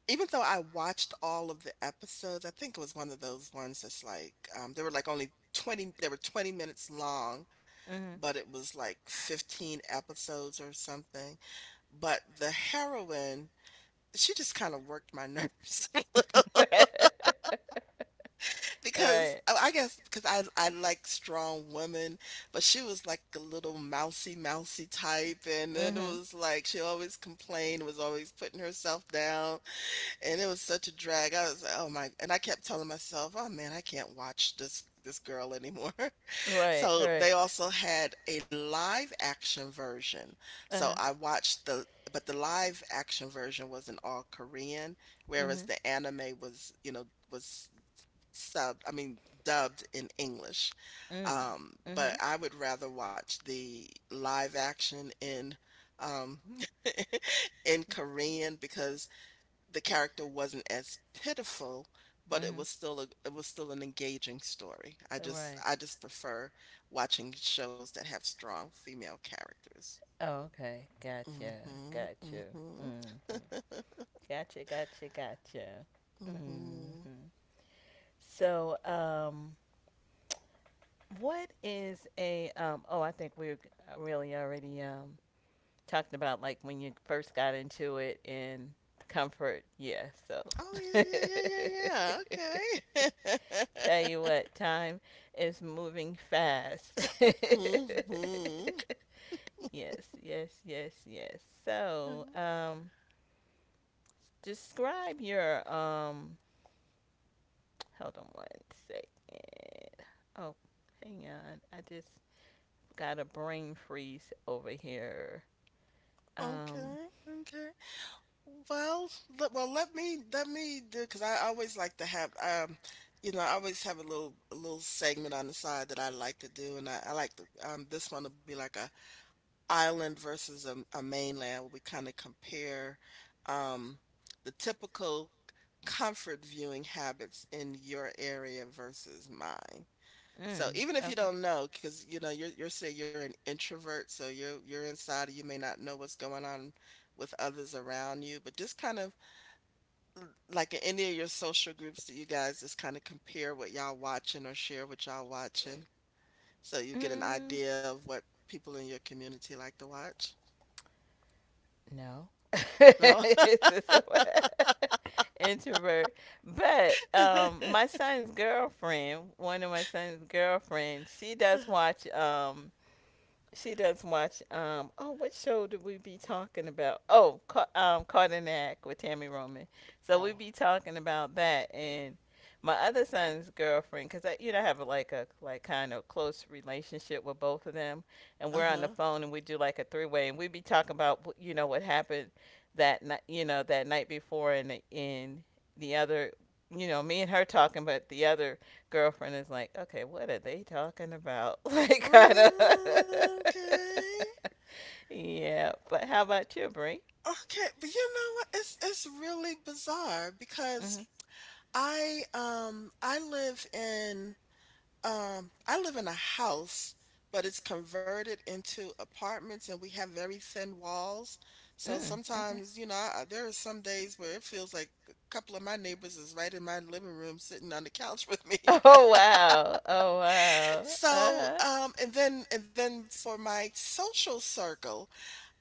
Speaker 2: Even though I watched all of the episodes, I think it was one of those ones that's like, um, there were like only twenty, they were twenty minutes long,
Speaker 1: Mm-hmm.
Speaker 2: but it was like fifteen episodes or something. But the heroine, she just kind of worked my nerves [LAUGHS] a
Speaker 1: Mm-hmm.
Speaker 2: little
Speaker 1: [LAUGHS]
Speaker 2: because
Speaker 1: Right.
Speaker 2: oh, I guess because I, I like strong women, but she was like a little mousy, mousy type. And then it
Speaker 1: Mm-hmm.
Speaker 2: was like she always complained, was always putting herself down. And it was such a drag. I was like, "Oh my," and I kept telling myself, "Oh man, I can't watch this this girl anymore." [LAUGHS]
Speaker 1: Right,
Speaker 2: So
Speaker 1: right.
Speaker 2: they also had a live action version. So
Speaker 1: Uh-huh.
Speaker 2: I watched the but the live action version was in all Korean, whereas
Speaker 1: Mm-hmm.
Speaker 2: the anime was, you know, was subbed, I mean, dubbed in English.
Speaker 1: Mm.
Speaker 2: Um,
Speaker 1: Mm-hmm.
Speaker 2: but I would rather watch the live action in um [LAUGHS] in Korean because the character wasn't as pitiful, but it
Speaker 1: Mm-hmm.
Speaker 2: was still a it was still an engaging story. I just
Speaker 1: Right.
Speaker 2: I just prefer watching shows that have strong female characters.
Speaker 1: Oh, okay. Gotcha.
Speaker 2: Mhm.
Speaker 1: Gotcha.
Speaker 2: Mhm.
Speaker 1: Mm-hmm. Gotcha, gotcha, gotcha.
Speaker 2: Mhm.
Speaker 1: Mm-hmm. So, um, what is a, um, oh, I think we're really already, um, talking about, like, when you first got into it and comfort. Yeah, so
Speaker 2: Oh
Speaker 1: [LAUGHS]
Speaker 2: yeah, yeah, yeah, yeah, yeah.
Speaker 1: tell
Speaker 2: Okay.
Speaker 1: you
Speaker 2: [LAUGHS]
Speaker 1: what, time is moving fast. [LAUGHS]
Speaker 2: mhm.
Speaker 1: Yes, yes, yes, yes. So,
Speaker 2: Mm,
Speaker 1: um, describe your um. Hold on one second. Oh, hang on. I just got a brain freeze over here. Um,
Speaker 2: Okay. Okay. Well, let, well, let me let me do because I always like to have um, you know, I always have a little a little segment on the side that I like to do, and I, I like to um, this one will be like a island versus a, a mainland where we kind of compare um the typical comfort viewing habits in your area versus mine. So
Speaker 1: Mm.
Speaker 2: even if you
Speaker 1: Okay.
Speaker 2: don't know, because you know you're you're say you're an introvert, so you're you're inside, you may not know what's going on with others around you, but just kind of like in any of your social groups that you guys just kind of compare what y'all watching or share what y'all watching so you get an
Speaker 1: Mm,
Speaker 2: idea of what people in your community like to watch?
Speaker 1: no. [LAUGHS]
Speaker 2: No?
Speaker 1: It's just a- [LAUGHS] introvert. But
Speaker 2: [LAUGHS]
Speaker 1: um my son's girlfriend, one of my son's girlfriends, she does watch um she does watch. Um, oh, what show did we be talking about? Oh, Ca- um, Caught in the Act with Tammy Roman. So we
Speaker 2: Oh.
Speaker 1: be talking about that, and my other son's girlfriend, because I, you know, I have like a like kind of close relationship with both of them, and we're on the
Speaker 2: Uh-huh.
Speaker 1: phone and we do like a three way, and we be talking about wh- you know what happened that night, you know, that night before, and the- and the other, you know, me and her talking, but the other girlfriend is like, okay, what are they talking about? [LAUGHS] Like, kind of.
Speaker 2: Um, Okay.
Speaker 1: [LAUGHS] Yeah, but how about you, Brie?
Speaker 2: Okay, but you know what? It's it's really bizarre because
Speaker 1: Mm-hmm.
Speaker 2: I um I live in Um, I live in a house, but it's converted into apartments and we have very thin walls. So
Speaker 1: Mm, okay.
Speaker 2: sometimes, you know, I, there are some days where it feels like a couple of my neighbors is right in my living room sitting on the couch with me.
Speaker 1: [LAUGHS]
Speaker 2: [LAUGHS]
Speaker 1: Oh, wow. Oh, wow.
Speaker 2: So,
Speaker 1: Uh-huh.
Speaker 2: um, and then and then for my social circle,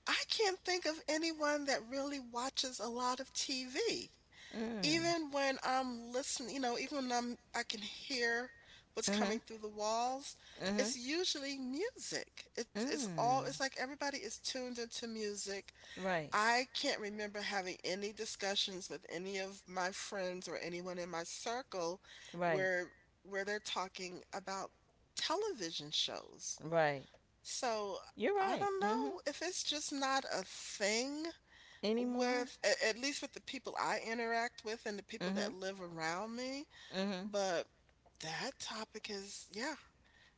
Speaker 2: I can't think of anyone that really watches a lot of T V.
Speaker 1: Mm,
Speaker 2: Even when I'm listening, you know, even when I'm I can hear what's
Speaker 1: mm-hmm.
Speaker 2: coming through the walls,
Speaker 1: Mm-hmm.
Speaker 2: it's usually music. It's it's all it's
Speaker 1: Mm.
Speaker 2: like everybody is tuned into music.
Speaker 1: Right.
Speaker 2: I can't remember having any discussions with any of my friends or anyone in my circle
Speaker 1: Right.
Speaker 2: where where they're talking about television shows.
Speaker 1: Right.
Speaker 2: So
Speaker 1: You're
Speaker 2: I don't
Speaker 1: right.
Speaker 2: know
Speaker 1: Mm-hmm.
Speaker 2: if it's just not a thing
Speaker 1: Any more?
Speaker 2: with a at least with the people I interact with and the people that
Speaker 1: Mm-hmm.
Speaker 2: live around me,
Speaker 1: Mm-hmm.
Speaker 2: but that topic is yeah,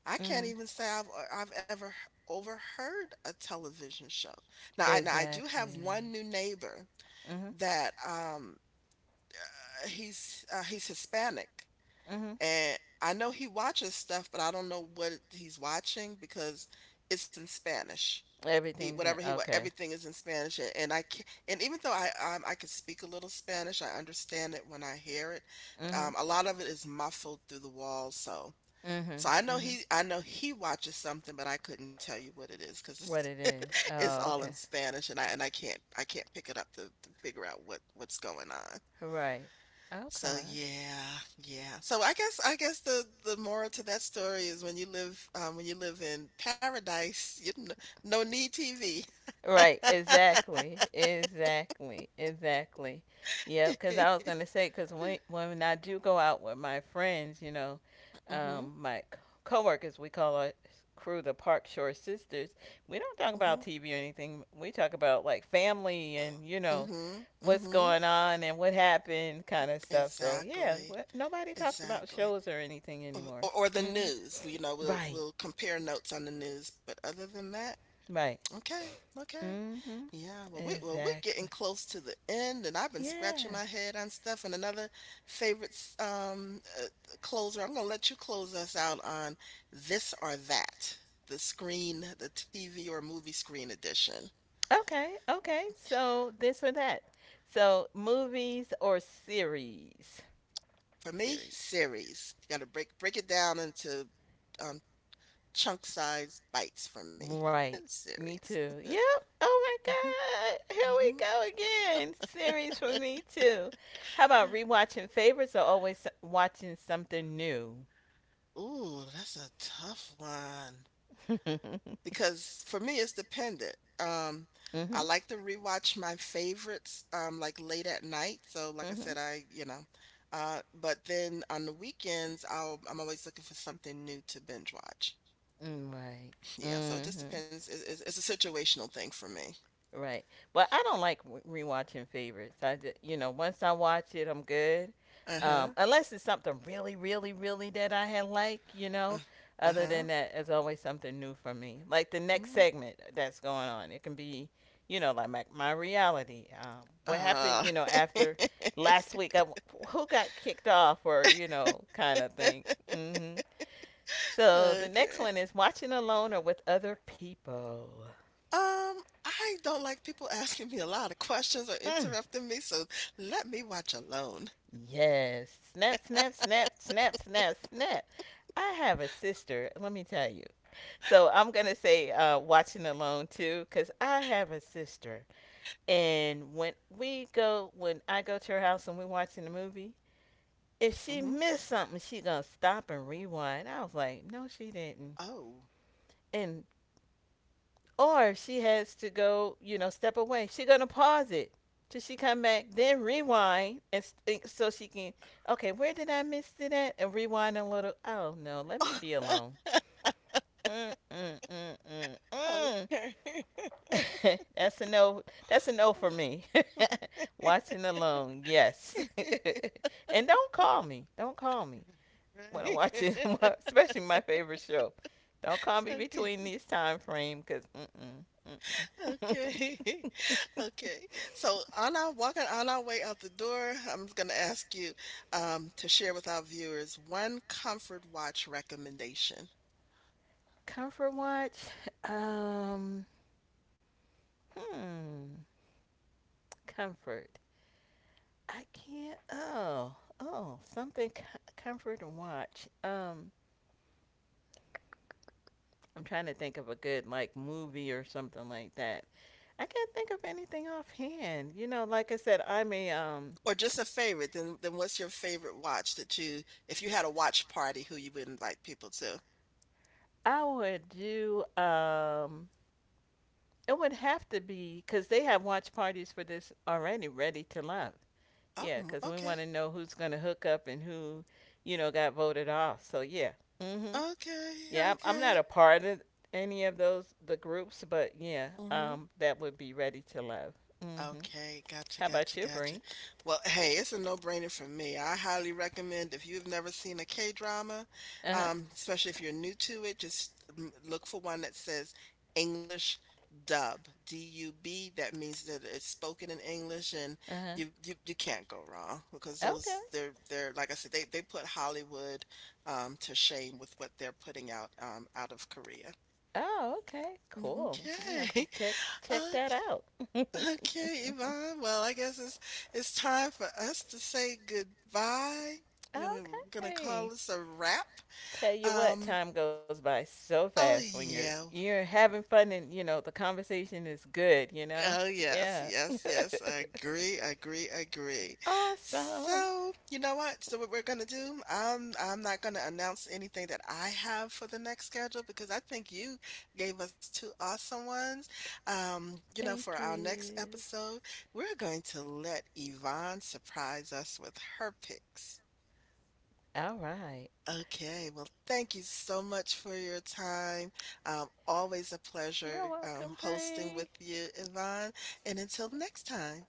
Speaker 2: I can't
Speaker 1: Mm.
Speaker 2: even say I've uh, I've ever overheard a television show. Now I now I do have
Speaker 1: Exactly.
Speaker 2: one new neighbor
Speaker 1: Mm-hmm.
Speaker 2: that, um, uh, he's, uh, he's Hispanic,
Speaker 1: Mm-hmm.
Speaker 2: and I know he watches stuff, but I don't know what he's watching because it's in Spanish. He
Speaker 1: Everything's
Speaker 2: whatever
Speaker 1: in.
Speaker 2: he what
Speaker 1: Okay.
Speaker 2: Everything is in Spanish, and, and I can, and even though I um, I could speak a little Spanish, I understand it when I hear it. Um,
Speaker 1: Mhm.
Speaker 2: a lot of it is muffled through the walls, so so
Speaker 1: Mhm.
Speaker 2: I know
Speaker 1: Mhm.
Speaker 2: he, I know he watches something, but I couldn't tell you what it is because
Speaker 1: What it
Speaker 2: it's,
Speaker 1: is.
Speaker 2: [LAUGHS] it's
Speaker 1: Oh,
Speaker 2: all in
Speaker 1: okay.
Speaker 2: Spanish, and I and I can't I can't pick it up to, to figure out what what's going on.
Speaker 1: Right.
Speaker 2: So
Speaker 1: Okay.
Speaker 2: yeah, yeah. So I guess I guess the the moral to that story is when you live um, when you live in paradise you no, no need T V.
Speaker 1: Right, exactly, exactly, exactly. Yep, because I was
Speaker 2: [LAUGHS]
Speaker 1: gonna say, because when when I do go out with my friends, you know,
Speaker 2: Mhm.
Speaker 1: um, my c- coworkers, we call our crew the Park Shore Sisters. We don't talk
Speaker 2: Mhm.
Speaker 1: about T V or anything. We talk about, like, family and you know,
Speaker 2: Mhm.
Speaker 1: what's
Speaker 2: Mhm.
Speaker 1: going on and what happened, kind of stuff. So yeah,
Speaker 2: Exactly.
Speaker 1: wh- nobody talks about
Speaker 2: Exactly.
Speaker 1: shows or anything
Speaker 2: Or,
Speaker 1: anymore.
Speaker 2: or or the
Speaker 1: Mm.
Speaker 2: news. We- You know, we'll
Speaker 1: Right,
Speaker 2: we'll compare notes on the news, but other than that,
Speaker 1: right.
Speaker 2: okay. Okay.
Speaker 1: Mhm.
Speaker 2: Yeah. Well, we well, we're getting
Speaker 1: Exactly.
Speaker 2: close to the end and I've been scratching
Speaker 1: Yeah.
Speaker 2: my head on stuff, and another favorite s- um uh, closer. I'm going to let you close us out on this or that. The screen, the T V or movie screen edition.
Speaker 1: Okay, okay. So this or that. So movies or series?
Speaker 2: For me,
Speaker 1: Series.
Speaker 2: series. You got to break break it down into um, chunk size bites for me. [LAUGHS]
Speaker 1: Right. Me
Speaker 2: Series.
Speaker 1: too. Yep. Oh my
Speaker 2: Hmm
Speaker 1: God, here we
Speaker 2: hmm
Speaker 1: go again. Series for me too. How about rewatching favorites or always watching something new?
Speaker 2: Ooh, that's a tough one
Speaker 1: [LAUGHS] Mhm.
Speaker 2: because for me it's dependent. Um, I like to rewatch my favorites um like late at night. So like I said,
Speaker 1: Mhm.
Speaker 2: I you know, uh, but then on the weekends I'll I'm always looking for something new to binge watch.
Speaker 1: Mm. Right.
Speaker 2: Yeah, so it just
Speaker 1: Mhm.
Speaker 2: depends. It, it's it's a situational thing for me.
Speaker 1: Right. But I don't like w- rewatching favorites. I just, you know, once I watch it, I'm good.
Speaker 2: Uh
Speaker 1: Um,
Speaker 2: huh.
Speaker 1: unless it's something really, really, really that I had, like, you
Speaker 2: Uh
Speaker 1: know. Other than
Speaker 2: huh.
Speaker 1: that, it's always something new for me. Like the next
Speaker 2: Mm.
Speaker 1: segment that's going on. It can be, you know, like my, my reality. Um, what happened,
Speaker 2: Uh,
Speaker 1: you know,
Speaker 2: [LAUGHS]
Speaker 1: after last week? I, w who got kicked off, or, you know, kind of thing. hmm So the next
Speaker 2: okay.
Speaker 1: one is watching alone or with other people.
Speaker 2: Um, I don't like people [LAUGHS] asking me a lot of questions or
Speaker 1: Mm.
Speaker 2: interrupting me, so let me watch alone.
Speaker 1: Yes. Snap, snap, snap, snap, snap, snap. I have a sister, let me tell you. So I'm going to say uh, watching alone too, because I have a sister. And when we go, when I go to her house and we're watching the movie, if she
Speaker 2: Hmm
Speaker 1: missed something, she going to stop and rewind. I was like, no, she didn't.
Speaker 2: Oh.
Speaker 1: And or if she has to go, you know, step away, she's gonna pause it till she come back, then rewind, and s- so she can, okay, where did I miss it at, and rewind a little. Oh no, let me be alone.
Speaker 2: [LAUGHS]
Speaker 1: Mm mm mm mm mm.
Speaker 2: Okay.
Speaker 1: [LAUGHS] That's a no. That's a no for me.
Speaker 2: [LAUGHS]
Speaker 1: [LAUGHS] Watching alone, yes.
Speaker 2: Right,
Speaker 1: [LAUGHS] And don't call me. Don't call me when I'm watching,
Speaker 2: right.
Speaker 1: [LAUGHS] especially my favorite show. Don't
Speaker 2: [LAUGHS]
Speaker 1: call me
Speaker 2: Okay.
Speaker 1: between this time frame, cause mm mm mm.
Speaker 2: Okay.
Speaker 1: [LAUGHS]
Speaker 2: [LAUGHS] Okay. So on our walking on our way out the door, I'm just gonna ask you um to share with our viewers one comfort watch recommendation.
Speaker 1: Comfort watch? [LAUGHS] Um, hmm, comfort. I can't. Oh, oh, something co- comfort to watch. Um, I'm trying to think of a good, like, movie or something like that. I can't think of anything offhand. You know, like I said, I mean, um,
Speaker 2: Or just a favorite. Then then what's your favorite watch that you, if you had a watch party, who you would invite people to?
Speaker 1: I would do. Um, it would have to be because they have watch parties for this already. Ready to love.
Speaker 2: Oh,
Speaker 1: Yeah,
Speaker 2: mm,
Speaker 1: because we
Speaker 2: okay.
Speaker 1: want to know who's gonna hook up and who, you know, got voted off. So yeah. Mm-hmm.
Speaker 2: Okay,
Speaker 1: Yeah, I'm I'm not
Speaker 2: okay.
Speaker 1: a part of any of those the groups, but yeah,
Speaker 2: Mm-hmm.
Speaker 1: um, that would be Ready to Love. Mm-hmm.
Speaker 2: Okay, gotcha,
Speaker 1: How about
Speaker 2: gotcha,
Speaker 1: you,
Speaker 2: gotcha.
Speaker 1: Bree?
Speaker 2: Well, hey, it's a no-brainer for me. I highly recommend if you've never seen a K-drama,
Speaker 1: Uh huh.
Speaker 2: um, especially if you're new to it, just mm, look for one that says English dub, D U B. That means that it's spoken in English, and
Speaker 1: Uh huh.
Speaker 2: you you you can't go wrong because
Speaker 1: Okay.
Speaker 2: those they're they're, like I said, they they put Hollywood um to shame with what they're putting out um out of Korea.
Speaker 1: Oh, okay. Cool. I'm gonna
Speaker 2: Okay,
Speaker 1: have to check
Speaker 2: [LAUGHS]
Speaker 1: check that
Speaker 2: okay.
Speaker 1: out. [LAUGHS]
Speaker 2: Okay, Yvonne. Well, I guess it's it's time for us to say goodbye. We're gonna we're gonna call
Speaker 1: Okay.
Speaker 2: this a wrap.
Speaker 1: Tell you what,
Speaker 2: Um,
Speaker 1: time goes by so fast
Speaker 2: oh
Speaker 1: when you're
Speaker 2: yeah.
Speaker 1: you're having fun and you know the conversation is good. You know.
Speaker 2: Oh, yes,
Speaker 1: Yeah.
Speaker 2: yes, yes. I agree,
Speaker 1: [LAUGHS]
Speaker 2: agree, agree.
Speaker 1: Awesome.
Speaker 2: So, you know what? So what we're gonna do, I'm I'm not gonna announce anything that I have for the next schedule because I think you gave us two awesome ones. Um, you know,
Speaker 1: Thank
Speaker 2: for our next
Speaker 1: you.
Speaker 2: episode, we're going to let Yvonne surprise us with her picks.
Speaker 1: All right.
Speaker 2: Okay, well, thank you so much for your time. Um, always a
Speaker 1: You're
Speaker 2: pleasure
Speaker 1: welcome,
Speaker 2: um, hosting
Speaker 1: Bree.
Speaker 2: with you, Yvonne. And until next time.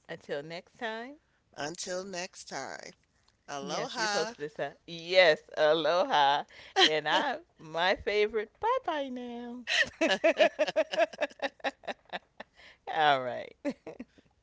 Speaker 1: Until next time.
Speaker 2: Until next time,
Speaker 1: Yes, you
Speaker 2: aloha.
Speaker 1: posted this up. Yes, aloha. And I my favorite. Bye bye now. [LAUGHS] All right. [LAUGHS]